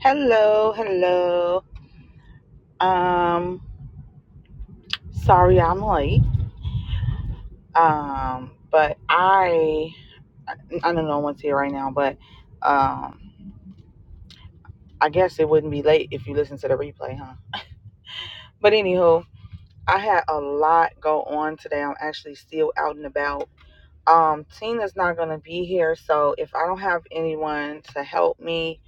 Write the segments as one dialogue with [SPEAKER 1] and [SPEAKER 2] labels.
[SPEAKER 1] Hello, hello. Um, sorry I'm late. Um, but I, I I don't know what's here right now, but um, I guess it wouldn't be late if you listen to the replay, huh? But anywho, I had a lot go on today. I'm actually still out and about. Um, Tina's not gonna be here, so if I don't have anyone to help me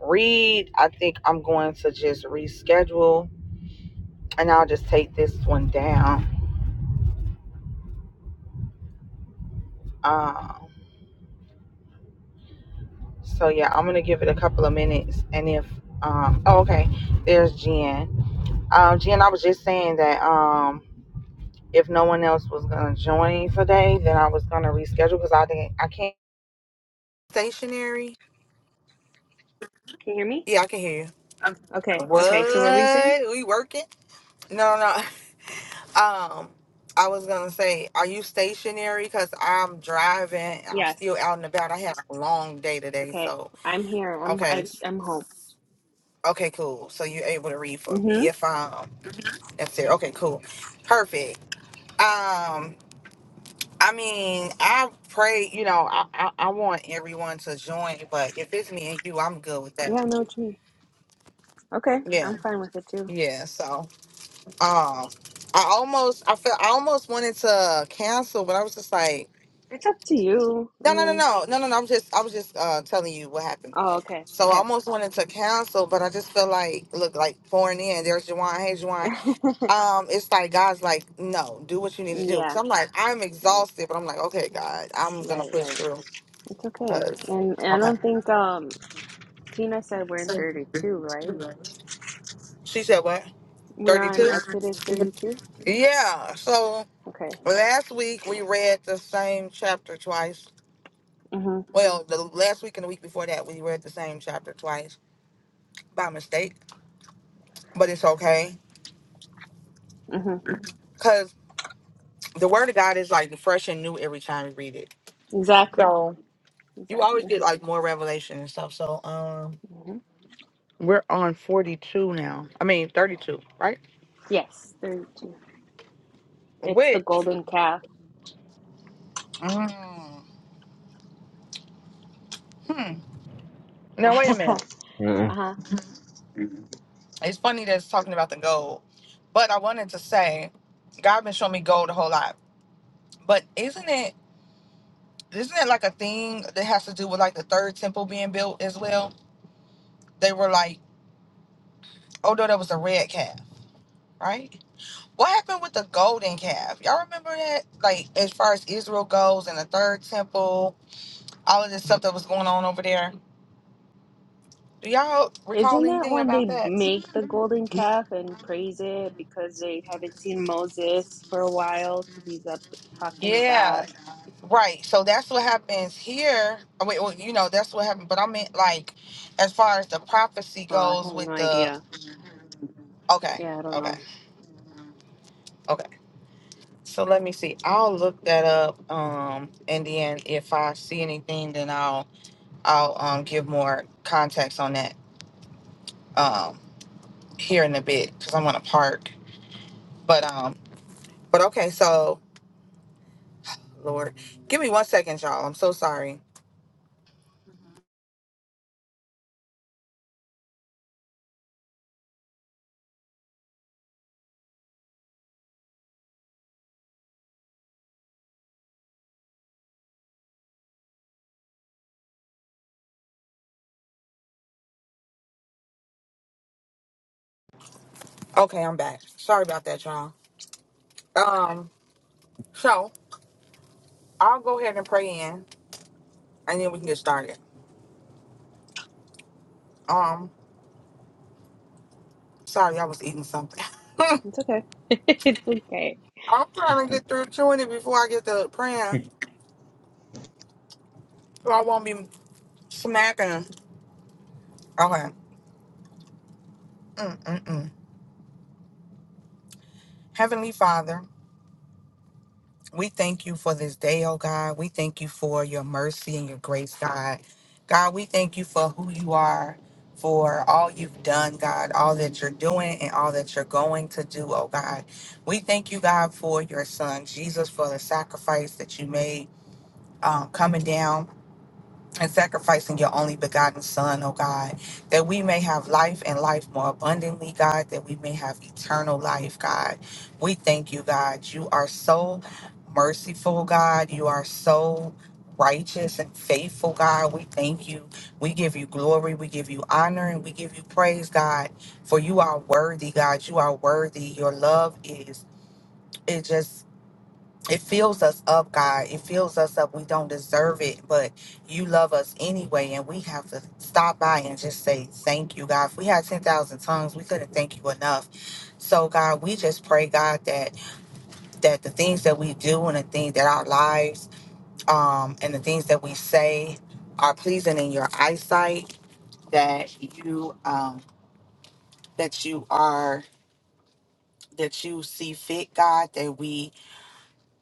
[SPEAKER 1] read, I think I'm going to just reschedule, and I'll just take this one down. Um. So yeah, I'm gonna give it a couple of minutes, and if um, oh okay, there's Jen. Um, Jen, I was just saying that um, if no one else was gonna join today, then I was gonna reschedule because I think I can't. Stationary.
[SPEAKER 2] Can you hear me?
[SPEAKER 1] Yeah, I can hear you.
[SPEAKER 2] Okay. Okay. So what were you saying?
[SPEAKER 1] What? We working? No, no. Um, I was gonna say, are you stationary? Because I'm driving. I'm
[SPEAKER 2] Yes.
[SPEAKER 1] still out and about. I had a long day today,
[SPEAKER 2] Okay.
[SPEAKER 1] so
[SPEAKER 2] I'm here. I'm
[SPEAKER 1] okay,
[SPEAKER 2] I, I'm home.
[SPEAKER 1] okay, cool. So you're able to read for
[SPEAKER 2] Mm-hmm.
[SPEAKER 1] me if um. That's it. Okay, cool. Perfect. Um, I mean, I pray, you know, I, I, I want everyone to join, but if it's me and you, I'm good with that.
[SPEAKER 2] Yeah, I know what you mean. Okay.
[SPEAKER 1] Yeah,
[SPEAKER 2] I'm fine with it too.
[SPEAKER 1] yeah. So um I almost I felt I almost wanted to cancel, but I was just like,
[SPEAKER 2] It's up to you. I
[SPEAKER 1] no, no, no,
[SPEAKER 2] mean,
[SPEAKER 1] no, no, no, no. I'm just I was just uh telling you what happened.
[SPEAKER 2] oh, okay.
[SPEAKER 1] So I
[SPEAKER 2] Okay.
[SPEAKER 1] almost wanted to cancel, but I just feel like look like pouring in. There's Juwan. Hey Juwan. um, it's like God's like, no, do what you need to do. Cause
[SPEAKER 2] yeah.
[SPEAKER 1] I'm like, I'm
[SPEAKER 2] Right.
[SPEAKER 1] exhausted, but I'm like, okay, God, I'm gonna
[SPEAKER 2] Right.
[SPEAKER 1] push
[SPEAKER 2] Right.
[SPEAKER 1] through.
[SPEAKER 2] It's okay.
[SPEAKER 1] Cause
[SPEAKER 2] And, and I
[SPEAKER 1] okay,
[SPEAKER 2] don't think um Tina said we're in 32, right?
[SPEAKER 1] she said what?
[SPEAKER 2] We're
[SPEAKER 1] Thirty
[SPEAKER 2] on
[SPEAKER 1] two.
[SPEAKER 2] Exodus 32.
[SPEAKER 1] Yeah. So
[SPEAKER 2] Okay.
[SPEAKER 1] last week we read the same chapter twice.
[SPEAKER 2] Mm-hmm.
[SPEAKER 1] Well, the last week and the week before that we read the same chapter twice by mistake, but it's okay
[SPEAKER 2] Mm-hmm.
[SPEAKER 1] because the Word of God is like fresh and new every time you read it.
[SPEAKER 2] Exactly.
[SPEAKER 1] So you always
[SPEAKER 2] Exactly.
[SPEAKER 1] get like more revelation and stuff. So um.
[SPEAKER 2] Mm-hmm.
[SPEAKER 1] We're on 42 now. I mean, 32, right?
[SPEAKER 2] Yes, 32. It's the
[SPEAKER 1] Which,
[SPEAKER 2] golden calf.
[SPEAKER 1] mm, hmm. Now, wait a minute.
[SPEAKER 2] uh-huh.
[SPEAKER 3] Mm.
[SPEAKER 1] It's funny that it's talking about the gold, but I wanted to say, God been showing me gold a whole lot. But isn't it, isn't it like a thing that has to do with like the third temple being built as well? They were like, oh no, that was a red calf, right? What happened with the golden calf? Y'all remember that? Like, as far as Israel goes and the third temple, all of this stuff that was going on over there? Do y'all recall
[SPEAKER 2] Isn't that
[SPEAKER 1] anything
[SPEAKER 2] when
[SPEAKER 1] about
[SPEAKER 2] they
[SPEAKER 1] that?
[SPEAKER 2] make the golden calf and praise it because they haven't seen Moses for a while because he's up talking to
[SPEAKER 1] Yeah,
[SPEAKER 2] God?
[SPEAKER 1] right. So that's what happens here. I mean, well, you know, that's what happened. But I meant like, as far as the prophecy
[SPEAKER 2] Oh, I
[SPEAKER 1] goes,
[SPEAKER 2] have no
[SPEAKER 1] with the
[SPEAKER 2] idea.
[SPEAKER 1] okay,
[SPEAKER 2] Yeah, I don't
[SPEAKER 1] okay,
[SPEAKER 2] know.
[SPEAKER 1] okay. So let me see. I'll look that up. Um, and then if I see anything, then I'll I'll um give more context on that um here in a bit because I I'm to park. But um, but okay. So Lord, give me one second, y'all. I'm so sorry. Okay, I'm back. Sorry about that, y'all. Um, so I'll go ahead and pray in and then we can get started. Um, sorry, I was eating something.
[SPEAKER 2] It's okay. It's okay.
[SPEAKER 1] I'm trying to get through chewing it before I get to praying. So I won't be smacking. Okay. Mm-mm-mm. Heavenly Father. We thank you for this day, oh God. We thank you for your mercy and your grace, God. God, we thank you for who you are, for all you've done, God, all that you're doing and all that you're going to do, oh God. We thank you, God, for your son, Jesus, for the sacrifice that you made um, coming down and sacrificing your only begotten Son, O God, that we may have life and life more abundantly, God, that we may have eternal life, God. We thank you, God. You are so merciful, God. You are so righteous and faithful, God. We thank you. We give you glory. We give you honor and we give you praise, God, for you are worthy, God. You are worthy. Your love is. It just it fills us up, God. It fills us up. We don't deserve it, but you love us anyway. And we have to stop by and just say thank you, God. If we had 10,000 tongues, we couldn't thank you enough. So, God, we just pray, God, that that the things that we do and the things that our lives um, and the things that we say are pleasing in your eyesight, that you um, that you are that you see fit, God, that we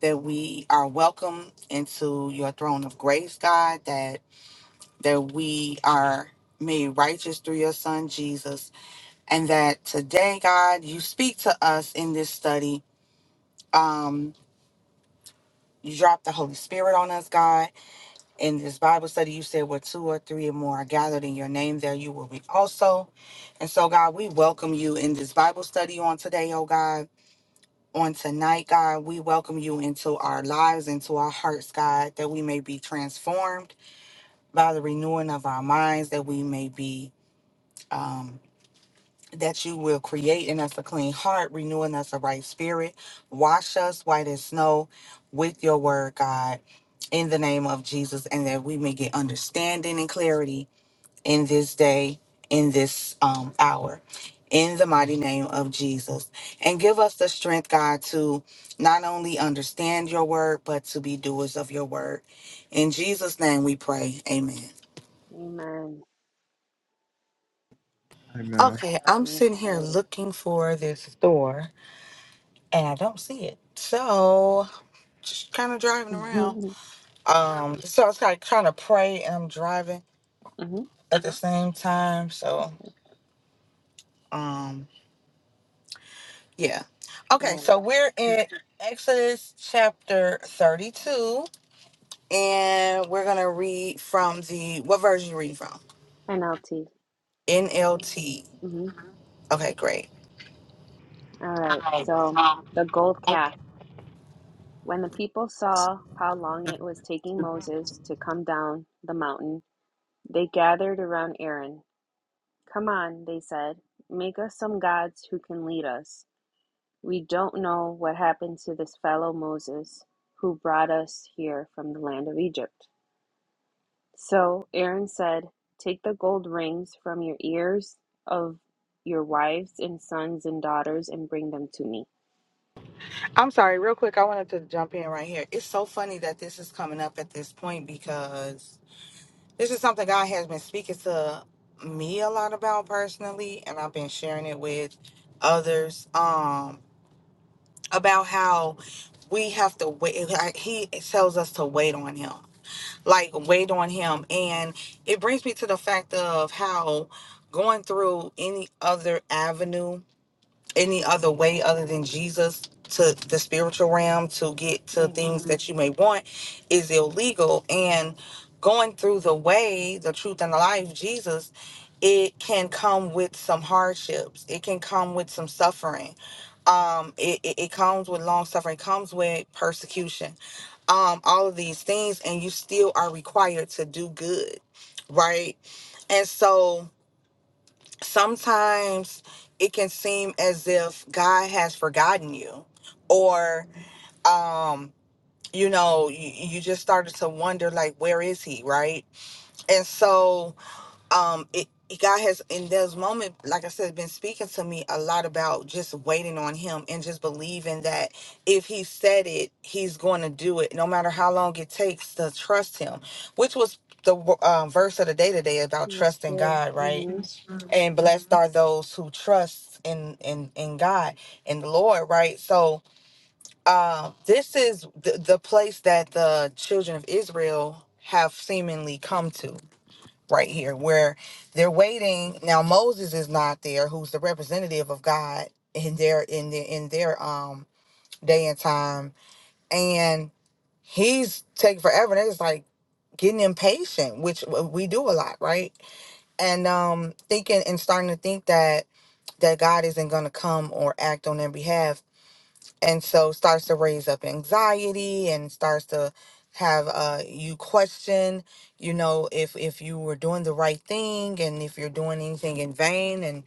[SPEAKER 1] that we are welcome into your throne of grace, God, that that we are made righteous through your son Jesus, and that today, God, you speak to us in this study. Um you drop the Holy Spirit on us, God. In this Bible study, you said where two or three or more are gathered in your name, there you will be also. And so, God, we welcome you in this Bible study on today, oh God. on tonight, God. We welcome you into our lives, into our hearts, God, that we may be transformed by the renewing of our minds, that we may be, um, that you will create in us a clean heart, renewing us a right spirit. Wash us white as snow with your word, God, in the name of Jesus, and that we may get understanding and clarity in this day, in this um, hour, in the mighty name of Jesus. And give us the strength, God, to not only understand your word, but to be doers of your word. In Jesus' name we pray. Amen.
[SPEAKER 2] Amen.
[SPEAKER 3] Amen.
[SPEAKER 1] Okay, I'm sitting here
[SPEAKER 2] Okay.
[SPEAKER 1] looking for this door and I don't see it. So, just kind of driving around.
[SPEAKER 2] Mm-hmm.
[SPEAKER 1] Um, so I was like trying to pray and I'm driving
[SPEAKER 2] Mm-hmm.
[SPEAKER 1] at the same time. So, um. Yeah.
[SPEAKER 2] All
[SPEAKER 1] Okay,
[SPEAKER 2] right.
[SPEAKER 1] so we're in Exodus chapter 32, and we're going to read from the, what version you reading from?
[SPEAKER 2] NLT.
[SPEAKER 1] NLT.
[SPEAKER 2] Mm-hmm.
[SPEAKER 1] Okay, great.
[SPEAKER 2] All right. So the gold calf. When the people saw how long it was taking Moses to come down the mountain, they gathered around Aaron. Come on, they said. Make us some gods who can lead us. We don't know what happened to this fellow Moses who brought us here from the land of Egypt. So Aaron said, Take the gold rings from your ears of your wives and sons and daughters and bring them to me.
[SPEAKER 1] I'm sorry, real quick, I wanted to jump in right here. It's so funny that this is coming up at this point because this is something God has been speaking to me a lot about personally, and I've been sharing it with others um, about how we have to wait. Like, He tells us to wait on Him like weighed on him and it brings me to the fact of how going through any other avenue any other way other than jesus to the spiritual realm to get to
[SPEAKER 2] hmm
[SPEAKER 1] things that you may want is illegal and going through the way the truth and the life jesus it can come with some hardships it can come with some suffering um it, it, it comes with long suffering it comes with persecution um, all of these things, and you still are required to do good, right? And so sometimes it can seem as if God has forgotten you, or, um, you know, you, you just started to wonder, like, where is he, right? And so um it it- God has in those moments, like I said, been speaking to me a lot about just waiting on him and just believing that if he said it, he's going to do it, no matter how long it takes to trust him, which was the um, verse of the day today about
[SPEAKER 2] That's
[SPEAKER 1] trusting
[SPEAKER 2] true.
[SPEAKER 1] God, right?
[SPEAKER 2] hmm
[SPEAKER 1] Yes, sir. and blessed are those who trust in in in God and the Lord, right? So uh, this is the, the place that the children of Israel have seemingly come to right here where they're waiting now moses is not there who's the representative of god in their in their in their um day and time and he's taking forever and they're just like getting impatient which uh, we do a lot right and um thinking and starting to think that that god isn't going to come or act on their behalf and so starts to raise up anxiety and starts to have uh you question you know if if you were doing the right thing and if you're doing anything in vain and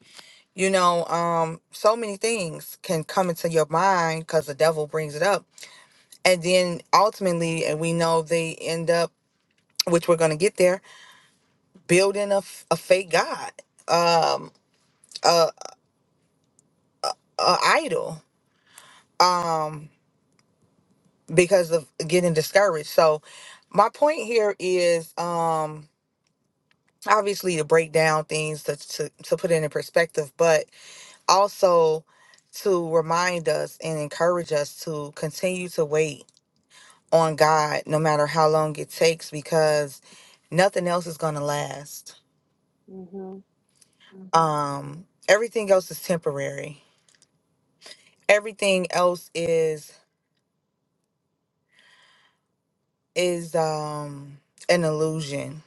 [SPEAKER 1] you know um so many things can come into your mind because the devil brings it up and then ultimately and we know they end up which we're going to get there building a, f- a fake god um a, a idol um because of getting discouraged. So my point here is um obviously to break down things to to, to put it in perspective, but also to remind us and encourage us to continue to wait on God no matter how long it takes because nothing else is going to last.
[SPEAKER 2] hmm
[SPEAKER 1] Um everything else is temporary. Everything else is is um an illusion.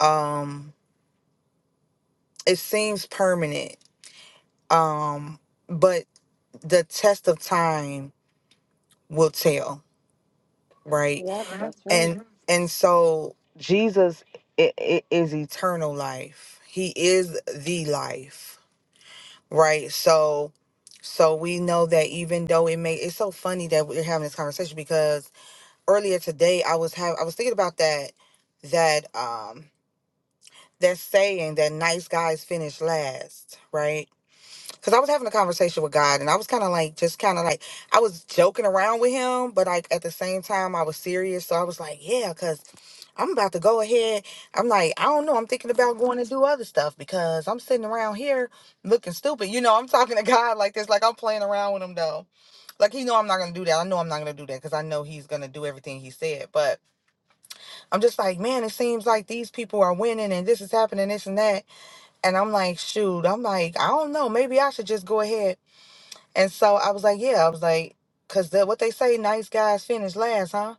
[SPEAKER 1] Um it seems permanent um but the test of time will tell right
[SPEAKER 2] Yep, that's right.
[SPEAKER 1] and and so jesus i i- is eternal life he is the life right so so we know that even though it may it's so funny that we're having this conversation because earlier today i was having i was thinking about that that um that saying that nice guys finish last right because I was having a conversation with God and I was kind of like, just kind of like, I was joking around with him, but like at the same time, I was serious. So I was like, yeah, because I'm about to go ahead. I'm like, I don't know. I'm thinking about going and do other stuff because I'm sitting around here looking stupid. You know, I'm talking to God like this, like I'm playing around with him though. Like he know I'm not gonna do that. I know I'm not gonna do that because I know he's gonna do everything he said. But I'm just like, man, it seems like these people are winning and this is happening, this and that. And I'm like, shoot, I'm like, I don't know. Maybe I should just go ahead and so I was like, yeah, I was like, because the, what they say, nice guys finish last, huh?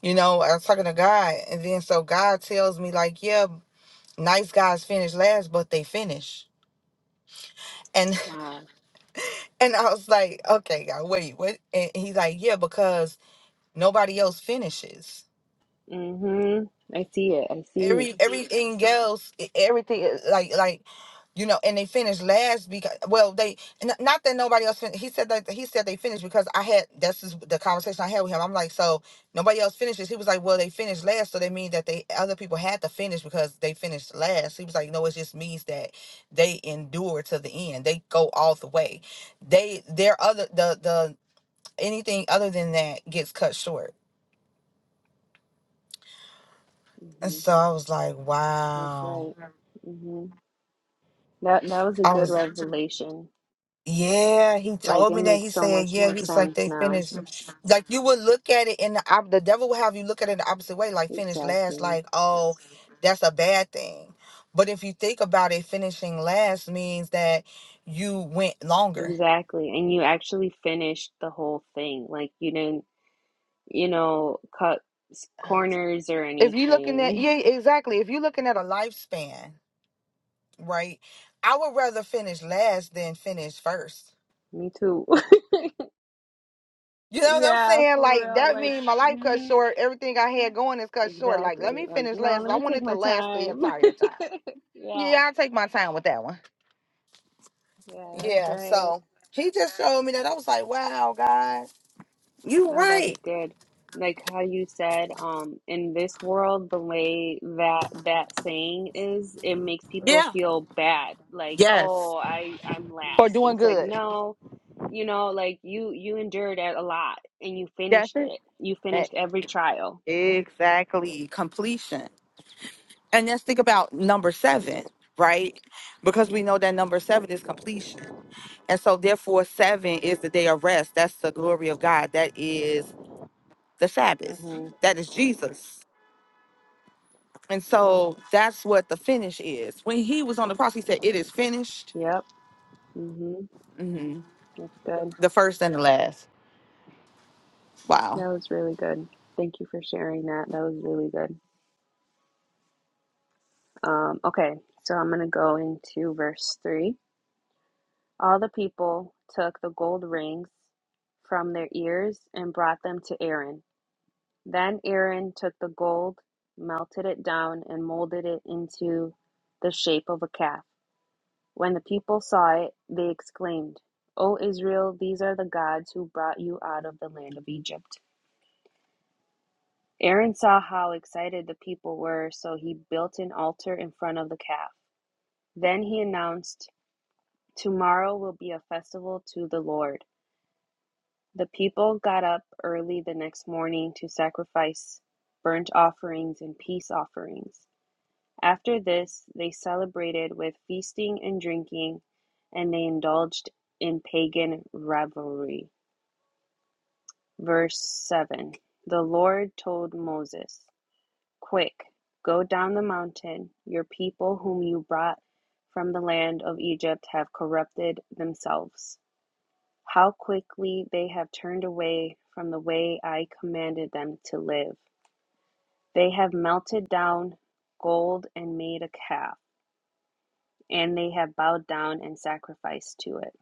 [SPEAKER 1] You know, I was talking to God. And then so God tells me, like, yeah, nice guys finish last, but they finish. And
[SPEAKER 2] Wow.
[SPEAKER 1] and I was like, okay, God, wait, what? And he's like, yeah, because nobody else finishes.
[SPEAKER 2] hmm I see it. I see you.
[SPEAKER 1] every Mhm. everything else e- everything is- like like you know and they finished last because well they n- not that nobody else fin- he said that he said they finished because i had that's is the conversation i had with him i'm like so nobody else finishes he was like well they finished last so they mean that they other people had to finish because they finished last he was like no it just means that they endure to the end they go all the way they their other the the anything other than that gets cut short and
[SPEAKER 2] hmm
[SPEAKER 1] so i was like
[SPEAKER 2] That's
[SPEAKER 1] wow
[SPEAKER 2] right. Mm-hmm. That that was a
[SPEAKER 1] i
[SPEAKER 2] good
[SPEAKER 1] was
[SPEAKER 2] revelation.
[SPEAKER 1] Yeah, he
[SPEAKER 2] Like
[SPEAKER 1] told
[SPEAKER 2] it
[SPEAKER 1] me that. He
[SPEAKER 2] makes so
[SPEAKER 1] said,
[SPEAKER 2] much
[SPEAKER 1] "Yeah."
[SPEAKER 2] more
[SPEAKER 1] He was like,
[SPEAKER 2] sense
[SPEAKER 1] "They
[SPEAKER 2] now.
[SPEAKER 1] finished." Like you would look at it in the op- the devil will have you look at it the opposite way, like finish last,
[SPEAKER 2] Exactly.
[SPEAKER 1] like oh that's a bad thing. But if you think about it, finishing last means that you went longer.
[SPEAKER 2] Exactly. And you actually finished the whole thing. Like you didn't, you know, cut s- corners or
[SPEAKER 1] If you're looking at
[SPEAKER 2] anything.
[SPEAKER 1] yeah, exactly. If you're looking at a lifespan, right? I would rather finish last than finish first.
[SPEAKER 2] Me too.
[SPEAKER 1] You know what I'm
[SPEAKER 2] Yeah,
[SPEAKER 1] saying?
[SPEAKER 2] for
[SPEAKER 1] Like
[SPEAKER 2] real.
[SPEAKER 1] that
[SPEAKER 2] Like,
[SPEAKER 1] means my life cut
[SPEAKER 2] hmm
[SPEAKER 1] short. Everything I had going is cut short. Like let
[SPEAKER 2] Exactly.
[SPEAKER 1] me
[SPEAKER 2] Like,
[SPEAKER 1] finish
[SPEAKER 2] no,
[SPEAKER 1] last.
[SPEAKER 2] let
[SPEAKER 1] I
[SPEAKER 2] me
[SPEAKER 1] want
[SPEAKER 2] take
[SPEAKER 1] it to
[SPEAKER 2] my
[SPEAKER 1] last the
[SPEAKER 2] time.
[SPEAKER 1] entire time.
[SPEAKER 2] Yeah.
[SPEAKER 1] Yeah, I'll take my time with that one.
[SPEAKER 2] Yeah, that's
[SPEAKER 1] Yeah,
[SPEAKER 2] right.
[SPEAKER 1] so he just showed me that. I was like, wow, God, you
[SPEAKER 2] No, that's
[SPEAKER 1] right.
[SPEAKER 2] good. Like how you said, um, in this world, the way that that saying is, it makes people
[SPEAKER 1] Yeah.
[SPEAKER 2] feel bad. Like,
[SPEAKER 1] Yes.
[SPEAKER 2] oh, I I'm
[SPEAKER 1] For
[SPEAKER 2] last.
[SPEAKER 1] doing
[SPEAKER 2] It's like,
[SPEAKER 1] good.
[SPEAKER 2] no, you know, like you you endured a lot and you
[SPEAKER 1] That's
[SPEAKER 2] finished it. You
[SPEAKER 1] it.
[SPEAKER 2] finished every trial.
[SPEAKER 1] E- Exactly. Completion. And let's think about number seven, right? Because we know that number seven is completion. And so, therefore, seven is the day of rest. That's the glory of God. That is the Sabbath.
[SPEAKER 2] hmm
[SPEAKER 1] That is Jesus. And so, that's what the finish is. When he was on the cross, he said, It is finished.
[SPEAKER 2] Yep. hmm
[SPEAKER 1] Mm-hmm.
[SPEAKER 2] That's good.
[SPEAKER 1] The first and the last. Wow.
[SPEAKER 2] That was really good. Thank you for sharing that. That was really good. Um, okay, so I'm gonna go into verse three. All the people took the gold rings from their ears and brought them to Aaron. Then Aaron took the gold, melted it down, and molded it into the shape of a calf. When the people saw it, they exclaimed, O Israel, these are the gods who brought you out of the land of Egypt. Aaron saw how excited the people were, so he built an altar in front of the calf. Then he announced, Tomorrow will be a festival to the Lord. The people got up early the next morning to sacrifice burnt offerings and peace offerings. After this, they celebrated with feasting and drinking, and they indulged in pagan revelry. Verse 7 The Lord told Moses, Quick, go down the mountain. Your people, whom you brought from the land of Egypt, have corrupted themselves. How quickly they have turned away from the way I commanded them to live. They have melted down gold and made a calf, and they have bowed down and sacrificed to it.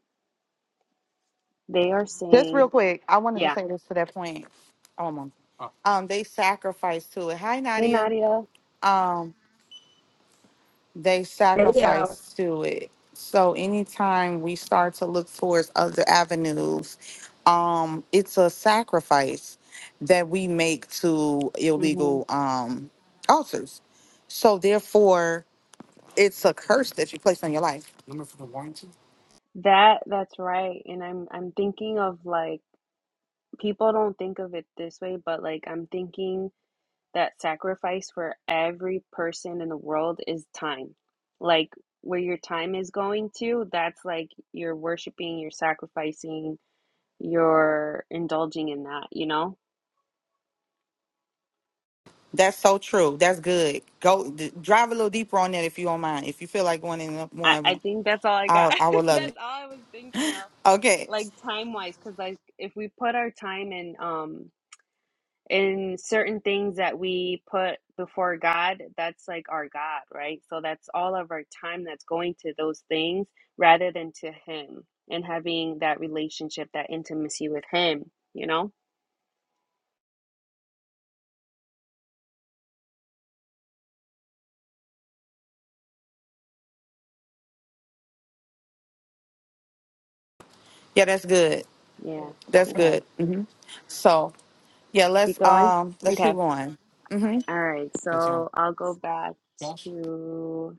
[SPEAKER 2] They are
[SPEAKER 1] Just
[SPEAKER 2] saying,
[SPEAKER 1] real quick, I wanted to
[SPEAKER 2] yeah.
[SPEAKER 1] say this to that point. Um, um, they sacrifice to it. Hi,
[SPEAKER 2] Hey
[SPEAKER 1] Nadia.
[SPEAKER 2] Nadia.
[SPEAKER 1] Um, they
[SPEAKER 4] Hey, y'all.
[SPEAKER 1] sacrifice to it. So anytime we start to look towards other avenues, um, it's a sacrifice that we make to
[SPEAKER 2] Mhm.
[SPEAKER 1] illegal um altars. So therefore, it's a curse that you place on your life
[SPEAKER 2] That that's right. And I'm I'm thinking of like people don't think of it this way, but like I'm thinking that sacrifice for every person in the world is time. Like where your time is going to, that's like you're worshiping, you're sacrificing, you're indulging in that, you know?
[SPEAKER 1] That's so true. That's good. Go d- drive a little deeper on that if you don't mind. If you feel like going in
[SPEAKER 2] I,
[SPEAKER 1] more, of
[SPEAKER 2] I
[SPEAKER 1] 'em,
[SPEAKER 2] think that's all I got.
[SPEAKER 1] I I would love
[SPEAKER 2] that's
[SPEAKER 1] it.
[SPEAKER 2] all I was thinking of.
[SPEAKER 1] Okay.
[SPEAKER 2] Like time wise, because like if we put our time in um in certain things that we put before God, that's like our God, right? So that's all of our time that's going to those things rather than to Him and having that relationship, that intimacy with Him, you know?
[SPEAKER 1] Yeah, that's good.
[SPEAKER 2] Yeah.
[SPEAKER 1] That's
[SPEAKER 2] Okay.
[SPEAKER 1] good. So yeah,
[SPEAKER 2] Keep
[SPEAKER 1] let's
[SPEAKER 2] going.
[SPEAKER 1] um let's
[SPEAKER 2] Okay.
[SPEAKER 1] keep going. hmm
[SPEAKER 2] All right. So I'll go back to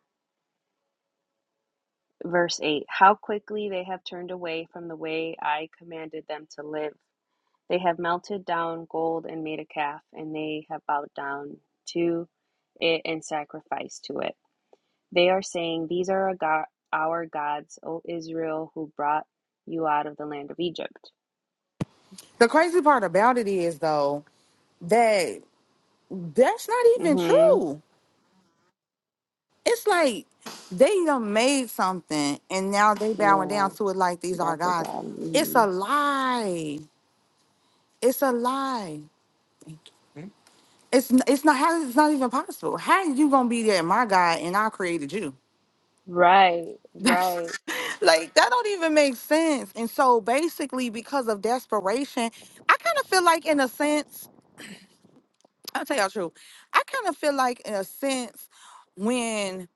[SPEAKER 2] verse 8. How quickly they have turned away from the way I commanded them to live. They have melted down gold and made a calf, and they have bowed down to it and sacrificed to it. They are saying, These are our go- our gods, O Israel, who brought you out of the land of Egypt.
[SPEAKER 1] The crazy part about it is though that that's not even
[SPEAKER 2] hmm
[SPEAKER 1] true. It's like they done made something and now they bowing
[SPEAKER 2] Yeah,
[SPEAKER 1] down to it like these are
[SPEAKER 2] that's a
[SPEAKER 1] gods.
[SPEAKER 2] god.
[SPEAKER 1] It's
[SPEAKER 2] hmm
[SPEAKER 1] a lie. It's a lie. It's n- it's not how it's not even possible. How you gonna be that my God and I created you?
[SPEAKER 2] Right,
[SPEAKER 1] That's
[SPEAKER 2] right.
[SPEAKER 1] like that don't even make sense. And so basically, because of desperation, I kind of feel like in a sense, I'll tell y'all true. I kind of feel like in a sense when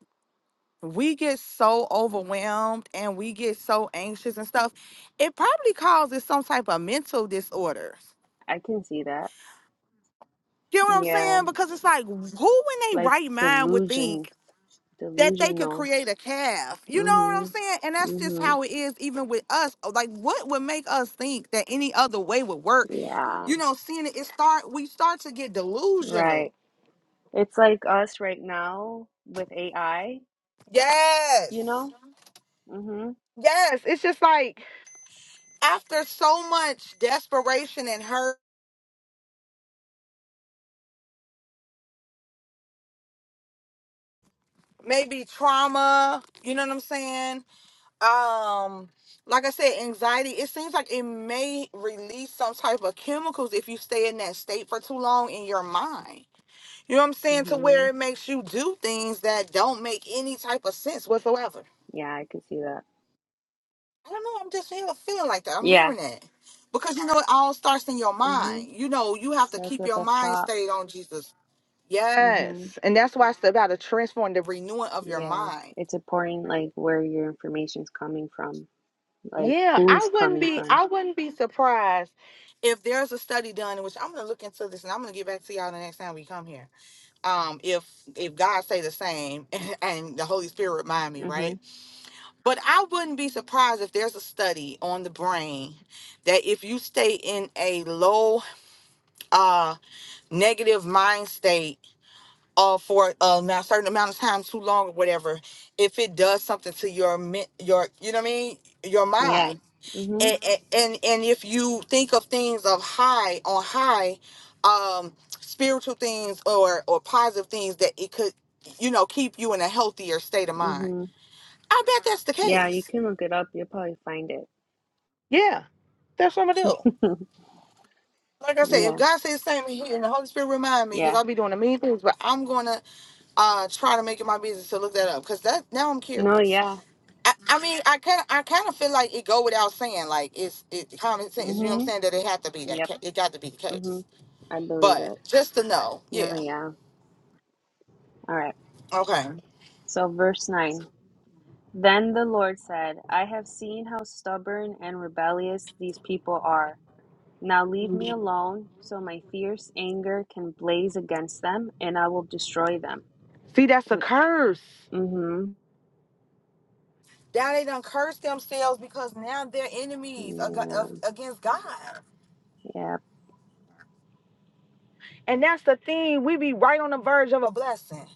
[SPEAKER 1] we get so overwhelmed and we get so anxious and stuff, it probably causes some type of mental disorders.
[SPEAKER 2] I can see that.
[SPEAKER 1] You know what I'm
[SPEAKER 2] Yeah,
[SPEAKER 1] saying? Because it's like, who in their
[SPEAKER 2] like
[SPEAKER 1] right mind would think?
[SPEAKER 2] delusions,
[SPEAKER 1] that they could
[SPEAKER 2] delusional.
[SPEAKER 1] create a calf. You know what I'm
[SPEAKER 2] hmm
[SPEAKER 1] saying? And that's just
[SPEAKER 2] hmm
[SPEAKER 1] how it is, even with us. Like, what would make us think that any other way would work?
[SPEAKER 2] Yeah,
[SPEAKER 1] You know, seeing it, it start, we start to get
[SPEAKER 2] right.
[SPEAKER 1] delusional.
[SPEAKER 2] It's like us right now with AI, you
[SPEAKER 1] Yes.
[SPEAKER 2] know? Mm-hmm.
[SPEAKER 1] Yes. It's just like after so much desperation and hurt, maybe trauma, you know what I'm saying? Um, like I said, anxiety, it seems like it may release some type of chemicals if you stay in that state for too long in your mind You know what I'm saying? To
[SPEAKER 2] Mm-hmm.
[SPEAKER 1] where it makes you do things that don't make any type of sense whatsoever.
[SPEAKER 2] Yeah, I can see that.
[SPEAKER 1] I don't know. I'm just feeling feeling like that. I'm
[SPEAKER 2] Yeah.
[SPEAKER 1] hearing that because you know it all starts in your
[SPEAKER 2] Mm-hmm.
[SPEAKER 1] mind. You know you have to
[SPEAKER 2] Starts
[SPEAKER 1] keep
[SPEAKER 2] with
[SPEAKER 1] your
[SPEAKER 2] a
[SPEAKER 1] mind
[SPEAKER 2] thought.
[SPEAKER 1] stayed on Jesus.
[SPEAKER 2] Mm-hmm.
[SPEAKER 1] Yes, and that's why it's about a transform the renewing of your
[SPEAKER 2] Yeah.
[SPEAKER 1] mind.
[SPEAKER 2] It's important, like, where your information's coming from, like,
[SPEAKER 1] Yeah,
[SPEAKER 2] who's
[SPEAKER 1] I wouldn't
[SPEAKER 2] coming
[SPEAKER 1] be.
[SPEAKER 2] from.
[SPEAKER 1] I wouldn't be surprised if there's a study done in which I'm gonna look into this and I'm gonna get back to y'all the next time we come here. Um, if if God say the same and the Holy Spirit remind me, right?
[SPEAKER 2] Mm-hmm.
[SPEAKER 1] But I wouldn't be surprised if there's a study on the brain that if you stay in a low uh negative mind state uh for a ma- certain amount of time too long or whatever, if it does something to your men- your you know what I mean, your
[SPEAKER 2] Yeah.
[SPEAKER 1] mind.
[SPEAKER 2] Mm-hmm.
[SPEAKER 1] And, and and and if you think of things of high on high um spiritual things or or positive things that it could you know keep you in a healthier state of mind.
[SPEAKER 2] Mm-hmm.
[SPEAKER 1] I bet that's the
[SPEAKER 2] Yeah, you
[SPEAKER 1] case.
[SPEAKER 2] can look it up. You'll probably find it.
[SPEAKER 1] Yeah, that's what I'm gonna do. Like I said, if
[SPEAKER 2] Yeah.
[SPEAKER 1] God says same here and the Holy Spirit remind me, because
[SPEAKER 2] Yeah.
[SPEAKER 1] I'll be doing the mean things, but I'm gonna uh try to make it my business to look that up, because that now I'm
[SPEAKER 2] No,
[SPEAKER 1] curious.
[SPEAKER 2] yeah.
[SPEAKER 1] I, I mean, I kind of I kind of feel like it go without saying, like it's it's common sense. You know what I'm
[SPEAKER 2] Mm-hmm.
[SPEAKER 1] saying? That it had to be that
[SPEAKER 2] Yep.
[SPEAKER 1] ca- it got to be the
[SPEAKER 2] Mm-hmm.
[SPEAKER 1] case.
[SPEAKER 2] I believe
[SPEAKER 1] But
[SPEAKER 2] it.
[SPEAKER 1] just to know,
[SPEAKER 2] No,
[SPEAKER 1] yeah,
[SPEAKER 2] yeah. All right.
[SPEAKER 1] okay.
[SPEAKER 2] So, verse 9. Then the Lord said, I have seen how stubborn and rebellious these people are. Now leave me alone, so my fierce anger can blaze against them, and I will destroy them.
[SPEAKER 1] See, that's a curse.
[SPEAKER 2] Mm-hmm.
[SPEAKER 1] Now they done curse themselves because now they're enemies ag-
[SPEAKER 2] Yeah,
[SPEAKER 1] of, against God.
[SPEAKER 2] yeah.
[SPEAKER 1] And that's the thing. We be right on the verge of a blessing.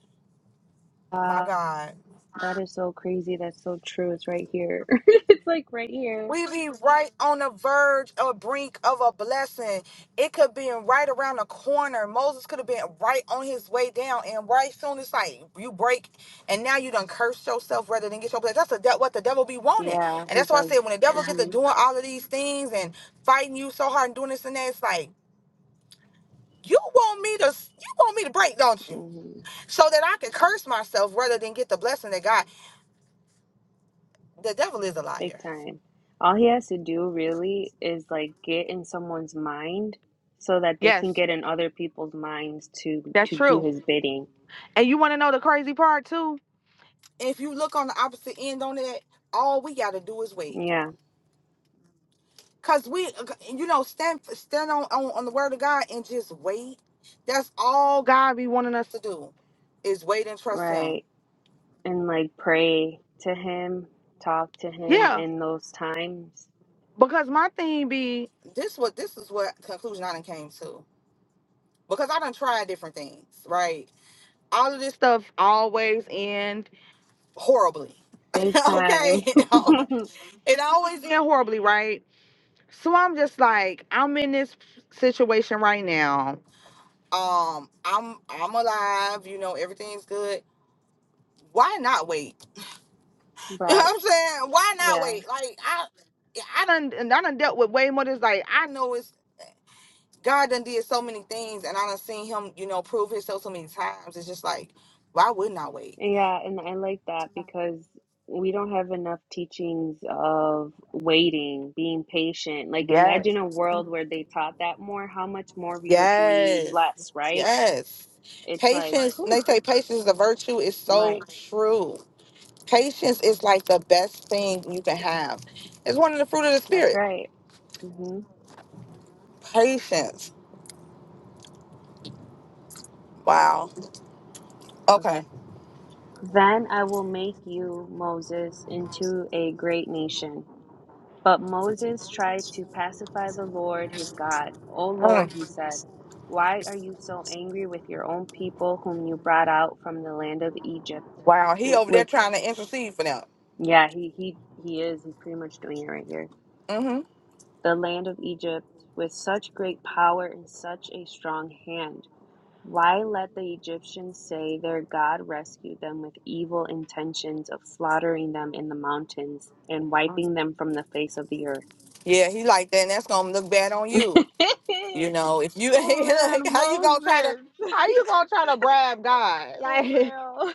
[SPEAKER 1] my
[SPEAKER 2] Uh,
[SPEAKER 1] God.
[SPEAKER 2] that is so crazy. That's so true. It's right here. It's like right here.
[SPEAKER 1] We be right on the verge or brink of a blessing. It could be right around the corner. Moses could have been right on his way down, and right soon it's like you break, and now you done curse yourself rather than get your blessing. That's the de- what the devil be wanting,
[SPEAKER 2] Yeah,
[SPEAKER 1] and
[SPEAKER 2] he
[SPEAKER 1] that's why I
[SPEAKER 2] does.
[SPEAKER 1] said when the devil gets to
[SPEAKER 2] Mm-hmm.
[SPEAKER 1] doing all of these things and fighting you so hard and doing this and that, it's like you want me to you want me to break, don't you?
[SPEAKER 2] mm-hmm.
[SPEAKER 1] So that I can curse myself rather than get the blessing that God. The devil is a
[SPEAKER 2] Big
[SPEAKER 1] liar.
[SPEAKER 2] time. All he has to do really is like get in someone's mind so that they can
[SPEAKER 1] Yes,
[SPEAKER 2] get in other people's minds to
[SPEAKER 1] that's
[SPEAKER 2] to do
[SPEAKER 1] true.
[SPEAKER 2] his bidding.
[SPEAKER 1] And you want to know the crazy part too? If you look on the opposite end on that, all we gotta do is wait.
[SPEAKER 2] Yeah,
[SPEAKER 1] Cause we, you know, stand stand on on, on the word of God and just wait. That's all God be wanting us to do, is wait and trust Him.
[SPEAKER 2] right. And like pray to him, talk to him
[SPEAKER 1] Yeah,
[SPEAKER 2] in those times.
[SPEAKER 1] because my thing be This what this is what conclusion I done came to. Because I done tried different things, right? All of this stuff always end horribly.
[SPEAKER 2] Big time.
[SPEAKER 1] okay, it always end horribly, right? So I'm just like, I'm in this situation right now. Um, I'm I'm alive, you know, everything's good. Why not wait? You know
[SPEAKER 2] Right.
[SPEAKER 1] what I'm saying? Why not
[SPEAKER 2] Yeah.
[SPEAKER 1] wait? Like I I done and I done dealt with way more It's like I know it's God done did so many things and I done seen him, you know, prove himself so many times. It's just like, why wouldn't I wait?
[SPEAKER 2] Yeah, and I like that because we don't have enough teachings of waiting, being patient. Like,
[SPEAKER 1] Yes.
[SPEAKER 2] imagine a world where they taught that more, how much more we would be
[SPEAKER 1] Yes.
[SPEAKER 2] blessed, right?
[SPEAKER 1] Yes.
[SPEAKER 2] It's like,
[SPEAKER 1] Patience,
[SPEAKER 2] whew,
[SPEAKER 1] they say patience is a virtue, is so
[SPEAKER 2] right.
[SPEAKER 1] true. Patience is like the best thing you can have. It's one of the fruit of the
[SPEAKER 2] That's
[SPEAKER 1] spirit.
[SPEAKER 2] right. Mm-hmm.
[SPEAKER 1] Patience. Wow.
[SPEAKER 2] Okay.
[SPEAKER 1] Okay.
[SPEAKER 2] Then I will make you, Moses, into a great nation. But Moses tried to pacify the Lord his God. O Lord,
[SPEAKER 1] Mm.
[SPEAKER 2] he said, why are you so angry with your own people whom you brought out from the land of Egypt?
[SPEAKER 1] Wow. He over there
[SPEAKER 2] With
[SPEAKER 1] trying to intercede for them.
[SPEAKER 2] yeah, he he he is. He's pretty much doing it right here.
[SPEAKER 1] Mm-hmm.
[SPEAKER 2] The land of Egypt with such great power and such a strong hand. Why let the Egyptians say their God rescued them with evil intentions of slaughtering them in the mountains and wiping them from the face of the
[SPEAKER 1] Yeah, he like that, and that's gonna look bad on you.
[SPEAKER 2] earth?
[SPEAKER 1] You know, if you
[SPEAKER 2] Oh
[SPEAKER 1] like,
[SPEAKER 2] man,
[SPEAKER 1] how you gonna try to
[SPEAKER 2] Moses.
[SPEAKER 1] how you gonna try to bribe God? Like
[SPEAKER 2] For
[SPEAKER 1] he
[SPEAKER 2] real.